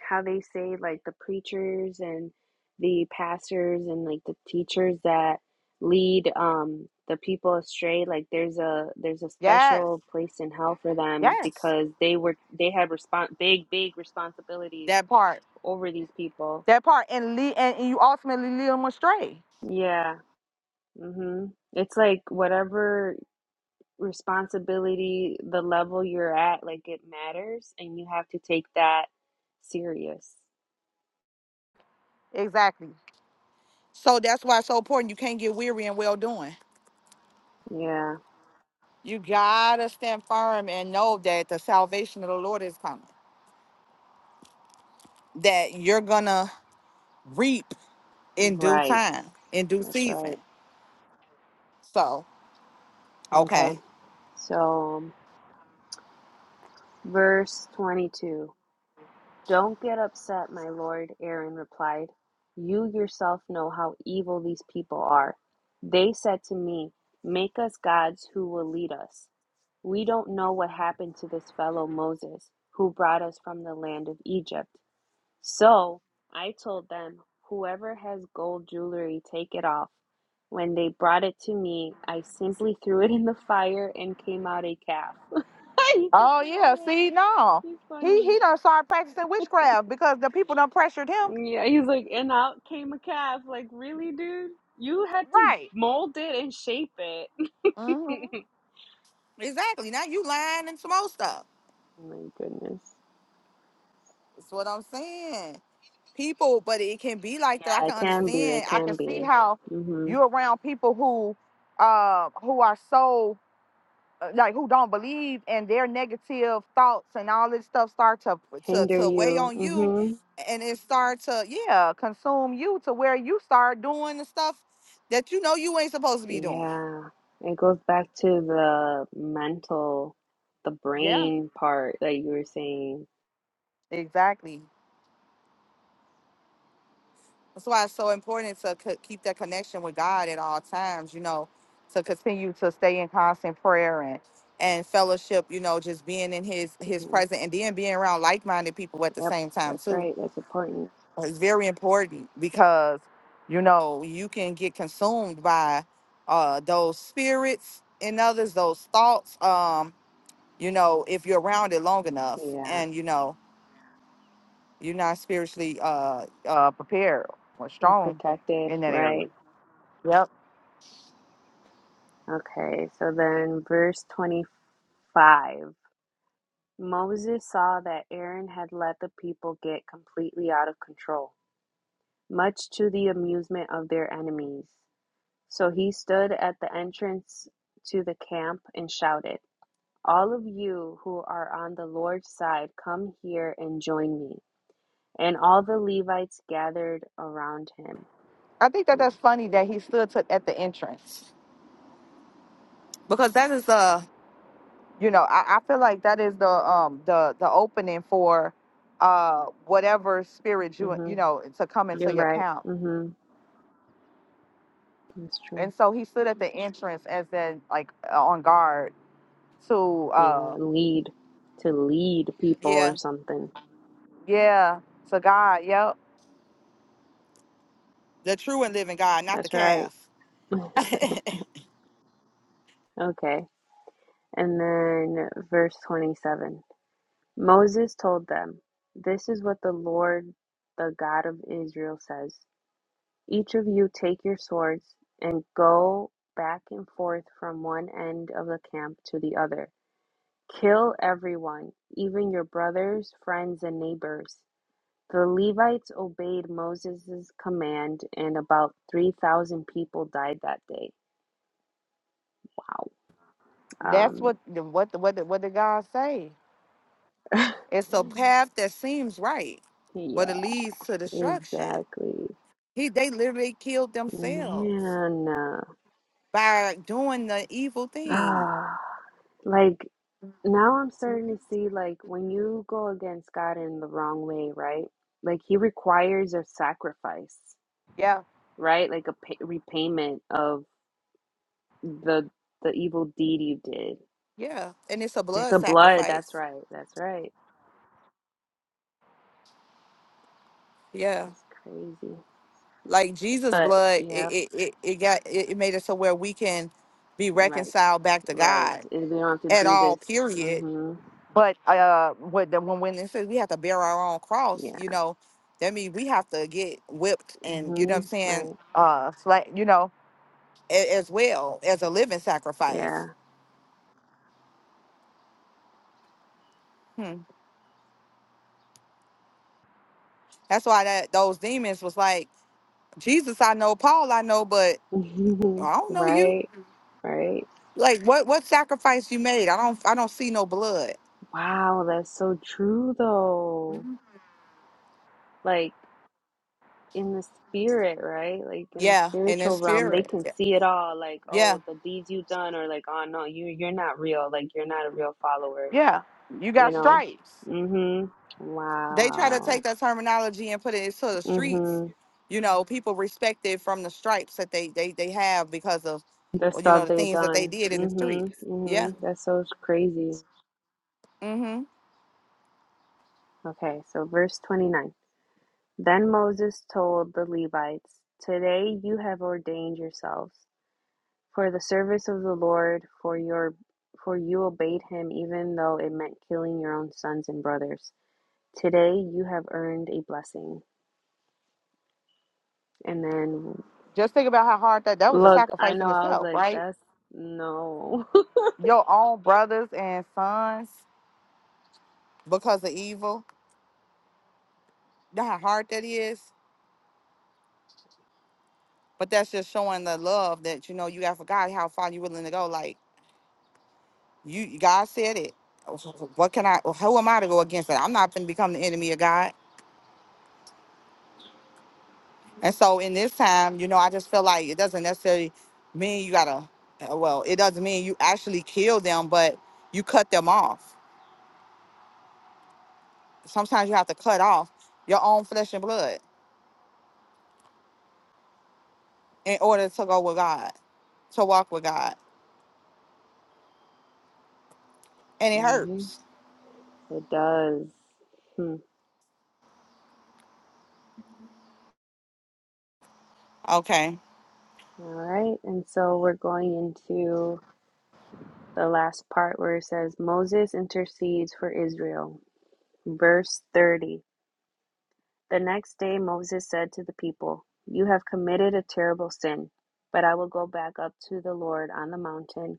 [SPEAKER 2] how they say like the preachers and the pastors and like the teachers that lead um the people astray like there's a there's a
[SPEAKER 1] Yes.
[SPEAKER 2] special place in hell for them
[SPEAKER 1] Yes.
[SPEAKER 2] because they were they had respon big big responsibilities
[SPEAKER 1] That part.
[SPEAKER 2] over these people.
[SPEAKER 1] That part and lead and, and you ultimately lead them astray.
[SPEAKER 2] Yeah. hmm It's like whatever responsibility, the level you're at, like it matters, and you have to take that serious.
[SPEAKER 1] Exactly. So that's why it's so important. You can't get weary in well doing.
[SPEAKER 2] Yeah,
[SPEAKER 1] You gotta stand firm and know that the salvation of the Lord is coming. That you're gonna reap in due
[SPEAKER 2] right.
[SPEAKER 1] time, in due
[SPEAKER 2] That's
[SPEAKER 1] season.
[SPEAKER 2] right.
[SPEAKER 1] So.
[SPEAKER 2] Okay.
[SPEAKER 1] Okay.
[SPEAKER 2] So, verse 22. Don't get upset, my lord, Aaron replied. You yourself know how evil these people are. They said to me, 'Make us gods who will lead us. We don't know what happened to this fellow Moses, who brought us from the land of Egypt. So I told them, 'Whoever has gold jewelry, take it off. When they brought it to me, I simply threw it in the fire and came out a calf. He's such
[SPEAKER 1] Oh
[SPEAKER 2] a
[SPEAKER 1] yeah,
[SPEAKER 2] liar.
[SPEAKER 1] see, no,
[SPEAKER 2] He's
[SPEAKER 1] he
[SPEAKER 2] funny.
[SPEAKER 1] he done started practicing witchcraft because the people done pressured him.
[SPEAKER 2] Yeah, he's like, and out came a calf. Like, really, dude? You had to
[SPEAKER 1] Right.
[SPEAKER 2] mold it and shape it.
[SPEAKER 1] hmm Exactly. Now you lying and some more stuff.
[SPEAKER 2] Oh My goodness.
[SPEAKER 1] That's what I'm saying. People, but it can be like that. I
[SPEAKER 2] Yeah, it
[SPEAKER 1] can
[SPEAKER 2] can be. It
[SPEAKER 1] understand. I I can
[SPEAKER 2] can
[SPEAKER 1] see
[SPEAKER 2] be.
[SPEAKER 1] how
[SPEAKER 2] Mm-hmm.
[SPEAKER 1] you around people who, uh, who are so. uh, like who don't believe and their negative thoughts and all this stuff start to to
[SPEAKER 2] Hinder
[SPEAKER 1] to weigh
[SPEAKER 2] you.
[SPEAKER 1] on you
[SPEAKER 2] Mm-hmm.
[SPEAKER 1] and it start to yeah consume you to where you start doing the stuff that you know you ain't supposed to be doing
[SPEAKER 2] Yeah. It goes back to the mental, the
[SPEAKER 1] yeah
[SPEAKER 2] brain part that you were saying.
[SPEAKER 1] exactly that's why it's so important to co- keep that connection with god at all times you know to continue to stay in constant prayer and and fellowship you know just being in his his
[SPEAKER 2] hmm
[SPEAKER 1] presence and then being around like-minded people at the
[SPEAKER 2] Yep,
[SPEAKER 1] same time
[SPEAKER 2] that's
[SPEAKER 1] too
[SPEAKER 2] right. That's important.
[SPEAKER 1] It's very important because you know you can get consumed by uh those spirits in others, those thoughts. Um, you know, if you're around it long enough,
[SPEAKER 2] Yeah.
[SPEAKER 1] and you know you're not spiritually uh uh prepared or
[SPEAKER 2] Or
[SPEAKER 1] strong
[SPEAKER 2] protected,
[SPEAKER 1] in that area.
[SPEAKER 2] right?
[SPEAKER 1] Yep.
[SPEAKER 2] Okay. So then verse 25. Moses saw that Aaron had let the people get completely out of control, much to the amusement of their enemies. So he stood at the entrance to the camp and shouted, All of you who are on the Lord's side, come here and join me. And all the Levites gathered around him.
[SPEAKER 1] I think that that's funny that he stood to, at the entrance because that is uh you know I, I feel like that is the um the the opening for uh whatever spirit you
[SPEAKER 2] hmm
[SPEAKER 1] you know to come into
[SPEAKER 2] You're
[SPEAKER 1] your
[SPEAKER 2] right.
[SPEAKER 1] camp
[SPEAKER 2] hmm That's true.
[SPEAKER 1] and so he stood at the entrance as in like on guard to
[SPEAKER 2] Yeah,
[SPEAKER 1] uh
[SPEAKER 2] lead. To lead people or
[SPEAKER 1] Yeah,
[SPEAKER 2] something.
[SPEAKER 1] yeah to God. Yep. the true and living God, not the
[SPEAKER 2] That's right.
[SPEAKER 1] calf.
[SPEAKER 2] Okay. And then verse 27 Moses told them, This is what the Lord, the God of Israel, says Each of you take your swords and go back and forth from one end of the camp to the other. Kill everyone, even your brothers, friends, and neighbors. The Levites obeyed Moses' command, and about 3,000 people died that day. Wow.
[SPEAKER 1] That's what the- what the- what the- what did God say?
[SPEAKER 2] Um,
[SPEAKER 1] it's a path that seems right, but
[SPEAKER 2] yeah,
[SPEAKER 1] it leads to destruction.
[SPEAKER 2] exactly.
[SPEAKER 1] He they literally killed themselves
[SPEAKER 2] Man, uh,
[SPEAKER 1] by doing the evil thing.
[SPEAKER 2] ah, like now I'm starting to see like when you go against God in the wrong way, right? Like he requires a sacrifice,
[SPEAKER 1] Yeah.
[SPEAKER 2] right? Like a pay repayment of the the evil deed you did.
[SPEAKER 1] Yeah, and it's a
[SPEAKER 2] It's
[SPEAKER 1] blood
[SPEAKER 2] a blood,
[SPEAKER 1] sacrifice.
[SPEAKER 2] that's right. That's right.
[SPEAKER 1] Yeah.
[SPEAKER 2] It's crazy.
[SPEAKER 1] like Jesus'
[SPEAKER 2] But
[SPEAKER 1] blood, it
[SPEAKER 2] yep,
[SPEAKER 1] it, it, it got it, it made it so where we can be
[SPEAKER 2] right,
[SPEAKER 1] reconciled back to
[SPEAKER 2] right.
[SPEAKER 1] God
[SPEAKER 2] And we don't have to
[SPEAKER 1] at
[SPEAKER 2] do
[SPEAKER 1] all.
[SPEAKER 2] this.
[SPEAKER 1] Period.
[SPEAKER 2] Mm-hmm.
[SPEAKER 1] But uh, with the, when when it says we have to bear our own cross,
[SPEAKER 2] Yeah.
[SPEAKER 1] you know, that means we have to get whipped and you know what I'm
[SPEAKER 2] Mm-hmm.
[SPEAKER 1] saying,
[SPEAKER 2] Right.
[SPEAKER 1] uh, sla- you know, a, as well as a living sacrifice. Hmm. That's why that those demons was like Jesus. I know Paul. I know, but
[SPEAKER 2] Yeah.
[SPEAKER 1] I don't know you.
[SPEAKER 2] right. Right.
[SPEAKER 1] Like what what sacrifice you made? I don't I don't see no blood.
[SPEAKER 2] Wow, that's so true though. Like in the spirit, right? Like in the
[SPEAKER 1] Yeah, in the
[SPEAKER 2] spiritual realm, they
[SPEAKER 1] spirit.
[SPEAKER 2] can
[SPEAKER 1] Yeah.
[SPEAKER 2] see it all. Like, oh,
[SPEAKER 1] yeah.
[SPEAKER 2] the deeds you done, or like, oh no, you you're not real. Like you're not a real follower.
[SPEAKER 1] Yeah, you
[SPEAKER 2] You
[SPEAKER 1] got
[SPEAKER 2] know?
[SPEAKER 1] stripes.
[SPEAKER 2] Mm-hmm.
[SPEAKER 1] They try to take
[SPEAKER 2] Wow.
[SPEAKER 1] that terminology and put it into the streets.
[SPEAKER 2] Mm-hmm.
[SPEAKER 1] You know, people respect it from the stripes that they they, they have because of,
[SPEAKER 2] The
[SPEAKER 1] well, you
[SPEAKER 2] stuff
[SPEAKER 1] know, the
[SPEAKER 2] they
[SPEAKER 1] things that they
[SPEAKER 2] done.
[SPEAKER 1] did in the streets.
[SPEAKER 2] Mm-hmm.
[SPEAKER 1] Yeah.
[SPEAKER 2] Mm-hmm. That's so crazy.
[SPEAKER 1] Mm-hmm.
[SPEAKER 2] Okay, so verse 29. Then Moses told the Levites, Today you have ordained yourselves. for the service of the Lord, for your for you obeyed him even though it meant killing your own sons and brothers. Today you have earned a blessing. And then
[SPEAKER 1] Just think about how hard that that was a
[SPEAKER 2] look, I
[SPEAKER 1] sacrifice
[SPEAKER 2] know
[SPEAKER 1] in
[SPEAKER 2] I was
[SPEAKER 1] itself,
[SPEAKER 2] like,
[SPEAKER 1] right?
[SPEAKER 2] that's no.
[SPEAKER 1] Your own brothers and sons. Because of evil. You know how hard that is. But that's just showing the love that you know you got for God, how far you're willing to go. Like You God said it. What can I? Who am I to go against it? I'm not going to become the enemy of God. And so in this time, you know, I just feel like it doesn't necessarily mean you gotta. uh, Well, it doesn't mean you actually kill them, but you cut them off. Sometimes you have to cut off your own flesh and blood in order to go with God, to walk with God, and it
[SPEAKER 2] hmm
[SPEAKER 1] hurts.
[SPEAKER 2] It does. Hmm.
[SPEAKER 1] Okay.
[SPEAKER 2] All right. And so we're going into the last part where it says Moses intercedes for Israel. Verse 30. The next day Moses said to the people, You have committed a terrible sin, but I will go back up to the Lord on the mountain.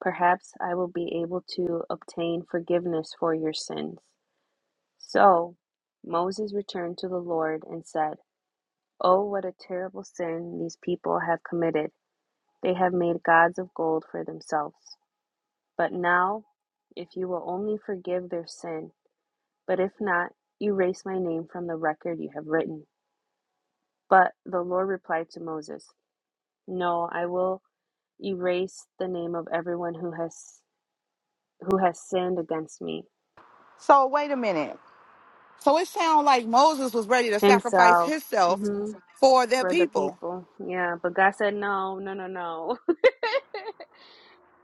[SPEAKER 2] Perhaps I will be able to obtain forgiveness for your sins. So Moses returned to the Lord and said, Oh, what a terrible sin these people have committed. They have made gods of gold for themselves. But now, if you will only forgive their sin, but if not, erase my name from the record you have written. But the Lord replied to Moses, No, I will erase the name of everyone who has who has sinned against me.
[SPEAKER 1] So wait a minute. So it sounds like Moses was ready to sacrifice
[SPEAKER 2] Himself.
[SPEAKER 1] himself
[SPEAKER 2] hmm
[SPEAKER 1] for their
[SPEAKER 2] For the
[SPEAKER 1] people.
[SPEAKER 2] people. Yeah. But God said no, no, no, no.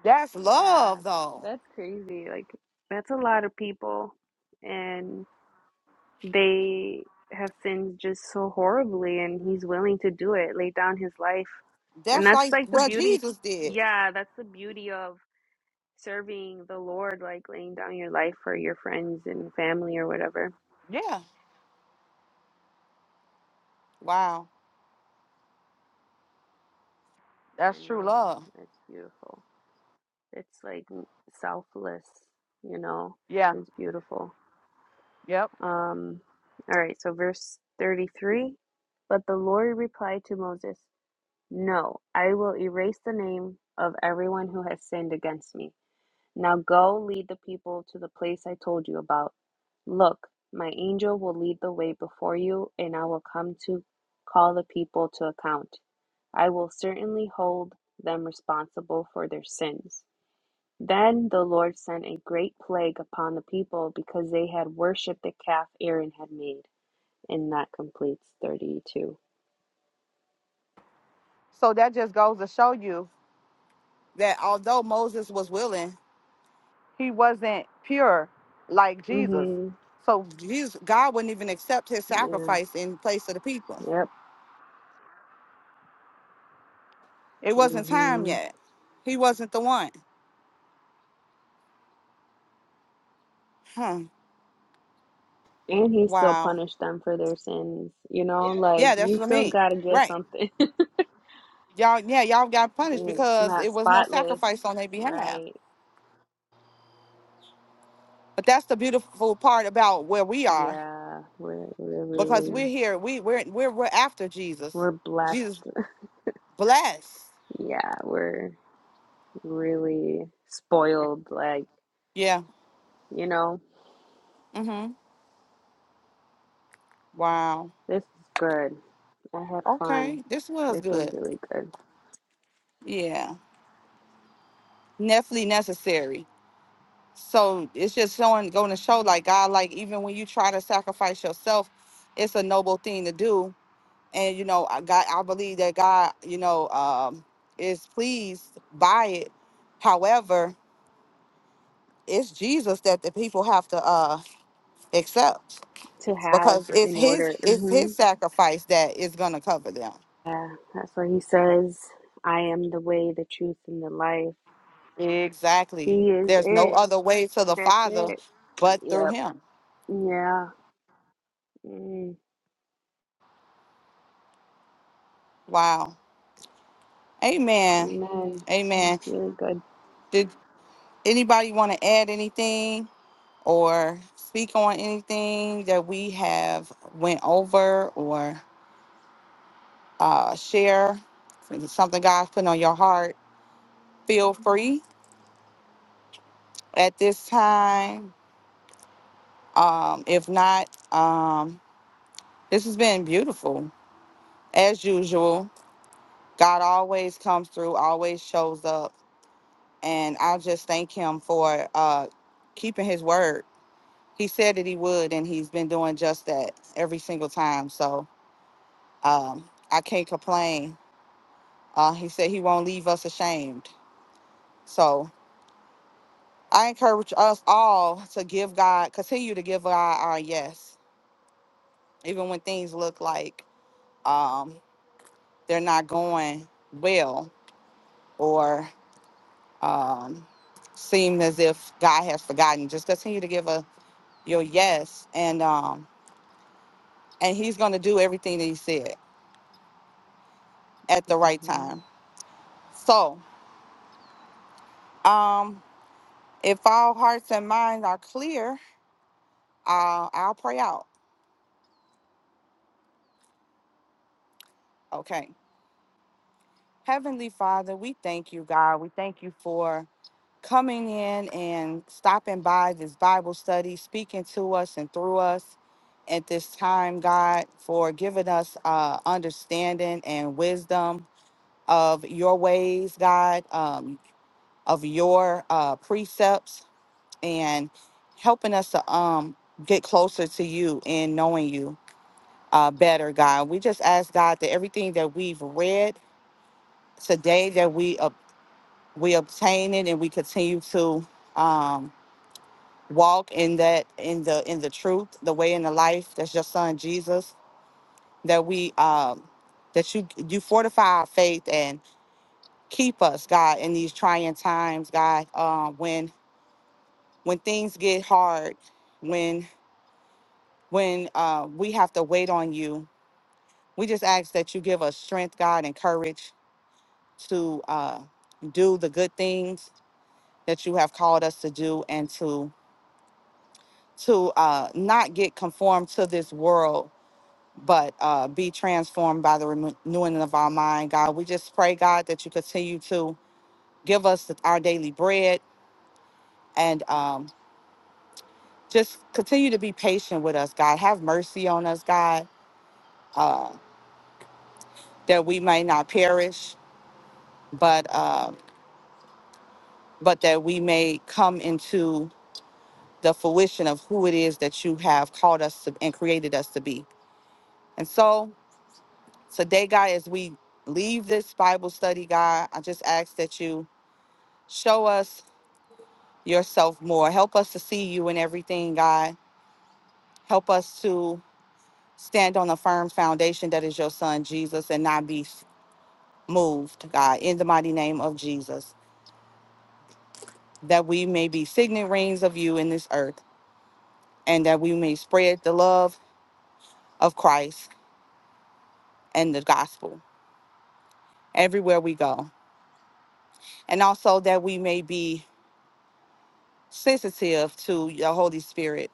[SPEAKER 1] That's
[SPEAKER 2] yeah.
[SPEAKER 1] love, though.
[SPEAKER 2] That's crazy. Like that's a lot of people. And they have sinned just so horribly and he's willing to do it, lay down his life. And
[SPEAKER 1] That's
[SPEAKER 2] that's
[SPEAKER 1] like
[SPEAKER 2] like the
[SPEAKER 1] what
[SPEAKER 2] beauty.
[SPEAKER 1] Jesus did.
[SPEAKER 2] Yeah, that's the beauty of serving the Lord, like laying down your life for your friends and family or whatever.
[SPEAKER 1] Yeah, Wow.
[SPEAKER 2] I
[SPEAKER 1] that's true
[SPEAKER 2] know
[SPEAKER 1] love.
[SPEAKER 2] that's beautiful. It's like selfless, you know.
[SPEAKER 1] Yeah,
[SPEAKER 2] It's beautiful.
[SPEAKER 1] yep.
[SPEAKER 2] Um, all right, so verse 33. But the Lord replied to Moses, No, I will erase the name of everyone who has sinned against me. Now go lead the people to the place I told you about. Look, my angel will lead the way before you, and I will come to call the people to account. I will certainly hold them responsible for their sins. Then the Lord sent a great plague upon the people because they had worshipped the calf Aaron had made. And that completes 32.
[SPEAKER 1] So that just goes to show you That although Moses was willing, he wasn't pure like Jesus.
[SPEAKER 2] Mm hmm.
[SPEAKER 1] So Jesus, God wouldn't even accept his sacrifice in place of the people.
[SPEAKER 2] Yeah. Yep.
[SPEAKER 1] It wasn't time
[SPEAKER 2] Mm-hmm.
[SPEAKER 1] yet. He wasn't the one. Hmm.
[SPEAKER 2] And he still
[SPEAKER 1] Wow.
[SPEAKER 2] punished them for their sins. You know, yeah. like
[SPEAKER 1] Yeah, that's
[SPEAKER 2] you
[SPEAKER 1] what I
[SPEAKER 2] still
[SPEAKER 1] mean.
[SPEAKER 2] got to get
[SPEAKER 1] Right.
[SPEAKER 2] something.
[SPEAKER 1] Y'all, yeah, y'all got punished
[SPEAKER 2] it's
[SPEAKER 1] because
[SPEAKER 2] not
[SPEAKER 1] it was no
[SPEAKER 2] spotless,
[SPEAKER 1] sacrifice on their behalf.
[SPEAKER 2] right?
[SPEAKER 1] But that's the beautiful part about where we are.
[SPEAKER 2] Yeah, we're we're
[SPEAKER 1] because
[SPEAKER 2] really
[SPEAKER 1] we're here. We we're we're we're after Jesus.
[SPEAKER 2] we're blessed.
[SPEAKER 1] Jesus bless.
[SPEAKER 2] Yeah, we're really spoiled. Like,
[SPEAKER 1] Yeah.
[SPEAKER 2] you know,
[SPEAKER 1] Mm-hmm. Wow.
[SPEAKER 2] this is good. I had fun.
[SPEAKER 1] Okay. This was
[SPEAKER 2] This was
[SPEAKER 1] good.
[SPEAKER 2] really good
[SPEAKER 1] Yeah. Definitely necessary. So it's just showing going to show like God, like even when you try to sacrifice yourself, it's a noble thing to do. And you know, I got I believe that God, you know, um is pleased by it. However, it's Jesus that the people have to uh accept.
[SPEAKER 2] to have
[SPEAKER 1] because it's
[SPEAKER 2] in order.
[SPEAKER 1] his it's
[SPEAKER 2] hmm
[SPEAKER 1] his sacrifice that is going to cover them
[SPEAKER 2] Yeah, that's what he says. I am the way, the truth, and the life.
[SPEAKER 1] exactly
[SPEAKER 2] He is
[SPEAKER 1] there's no
[SPEAKER 2] it.
[SPEAKER 1] other way to the
[SPEAKER 2] That's
[SPEAKER 1] father
[SPEAKER 2] it.
[SPEAKER 1] but through
[SPEAKER 2] Yep.
[SPEAKER 1] him
[SPEAKER 2] Yeah. Mm.
[SPEAKER 1] wow amen
[SPEAKER 2] Amen.
[SPEAKER 1] amen
[SPEAKER 2] It's really good.
[SPEAKER 1] did anybody want to add anything or speak on anything that we have went over or uh, share If it's something god's putting on your heart feel free at this time um, if not um, this has been beautiful as usual, God always comes through, always shows up. And I just thank him for uh, keeping his word. He said that he would, and he's been doing just that every single time. So um, I can't complain. Uh, he said he won't leave us ashamed. So I encourage us all to give God, continue to give God our yes, even when things look like um, they're not going well or. um, seem as if God has forgotten. Just continue to give a your yes, and um, and He's going to do everything that He said at the right
[SPEAKER 2] hmm
[SPEAKER 1] time. So, um, if all hearts and minds are clear, uh, I'll pray out. Okay, Heavenly Father, we thank you, God. We thank you for coming in and stopping by this Bible study, speaking to us and through us at this time, God, for giving us uh, understanding and wisdom of your ways, God, um, of your uh, precepts, and helping us to um, get closer to you and knowing you uh, better, God. We just ask God that everything that we've read today, that we ob- we obtain it and we continue to um, walk in that in the in the truth, the way in the life. That's your Son Jesus. That we um, that you you fortify our faith and. keep us, God, in these trying times, God. Um, when when things get hard, when when uh, we have to wait on you, we just ask that you give us strength, God, and courage to uh, do the good things that you have called us to do, and to to uh, not get conformed to this world. But uh, be transformed by the renewing of our mind, God. We just pray, God, that you continue to give us our daily bread, and um, just continue to be patient with us, God. Have mercy on us, God, uh, that we may not perish, but uh, but that we may come into the fruition of who it is that you have called us to and created us to be. And so today, God, as we leave this Bible study, God, I just ask that you show us yourself more. Help us to see you in everything, God. Help us to stand on a firm foundation that is your son Jesus and not be moved, God, in the mighty name of Jesus, that we may be signet rings of you in this earth, and that we may spread the love of Christ and the gospel everywhere we go. And also that we may be sensitive to your Holy Spirit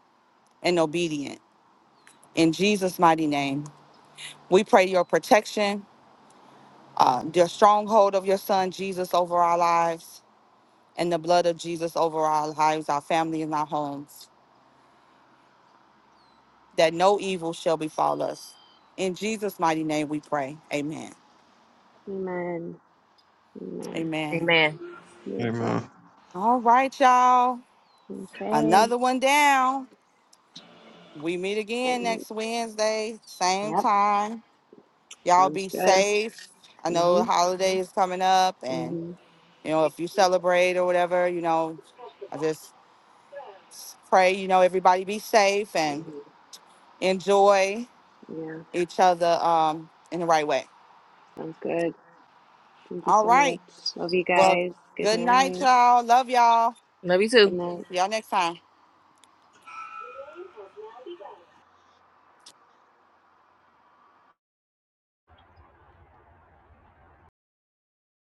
[SPEAKER 1] and obedient. In Jesus' mighty name, we pray your protection, uh, the stronghold of your son Jesus over our lives, and the blood of Jesus over our lives, our family, and our homes. that no evil shall befall us. In Jesus' mighty name we pray. Amen.
[SPEAKER 2] Amen. Amen.
[SPEAKER 1] Amen.
[SPEAKER 4] Amen.
[SPEAKER 3] Amen.
[SPEAKER 2] Beautiful.
[SPEAKER 1] All right, y'all.
[SPEAKER 2] Okay.
[SPEAKER 1] Another one down. We meet again
[SPEAKER 2] And
[SPEAKER 1] next Wednesday, same
[SPEAKER 2] yep.
[SPEAKER 1] time. Y'all
[SPEAKER 2] Sounds
[SPEAKER 1] be
[SPEAKER 2] good.
[SPEAKER 1] safe. I know
[SPEAKER 2] Mm-hmm.
[SPEAKER 1] the holiday is coming up, and
[SPEAKER 2] Mm-hmm.
[SPEAKER 1] you know, if you celebrate or whatever, you know, I just pray, you know, everybody be safe and
[SPEAKER 2] hmm
[SPEAKER 1] enjoy
[SPEAKER 2] Yeah.
[SPEAKER 1] each other um in the right way.
[SPEAKER 2] Sounds good. Thank you
[SPEAKER 1] All
[SPEAKER 2] so much.
[SPEAKER 1] right.
[SPEAKER 2] Love you
[SPEAKER 1] Well,
[SPEAKER 2] guys. Good
[SPEAKER 1] good night,
[SPEAKER 2] night.
[SPEAKER 1] y'all. Love y'all.
[SPEAKER 4] Love you
[SPEAKER 2] Good
[SPEAKER 4] too.
[SPEAKER 2] night.
[SPEAKER 1] See y'all next time.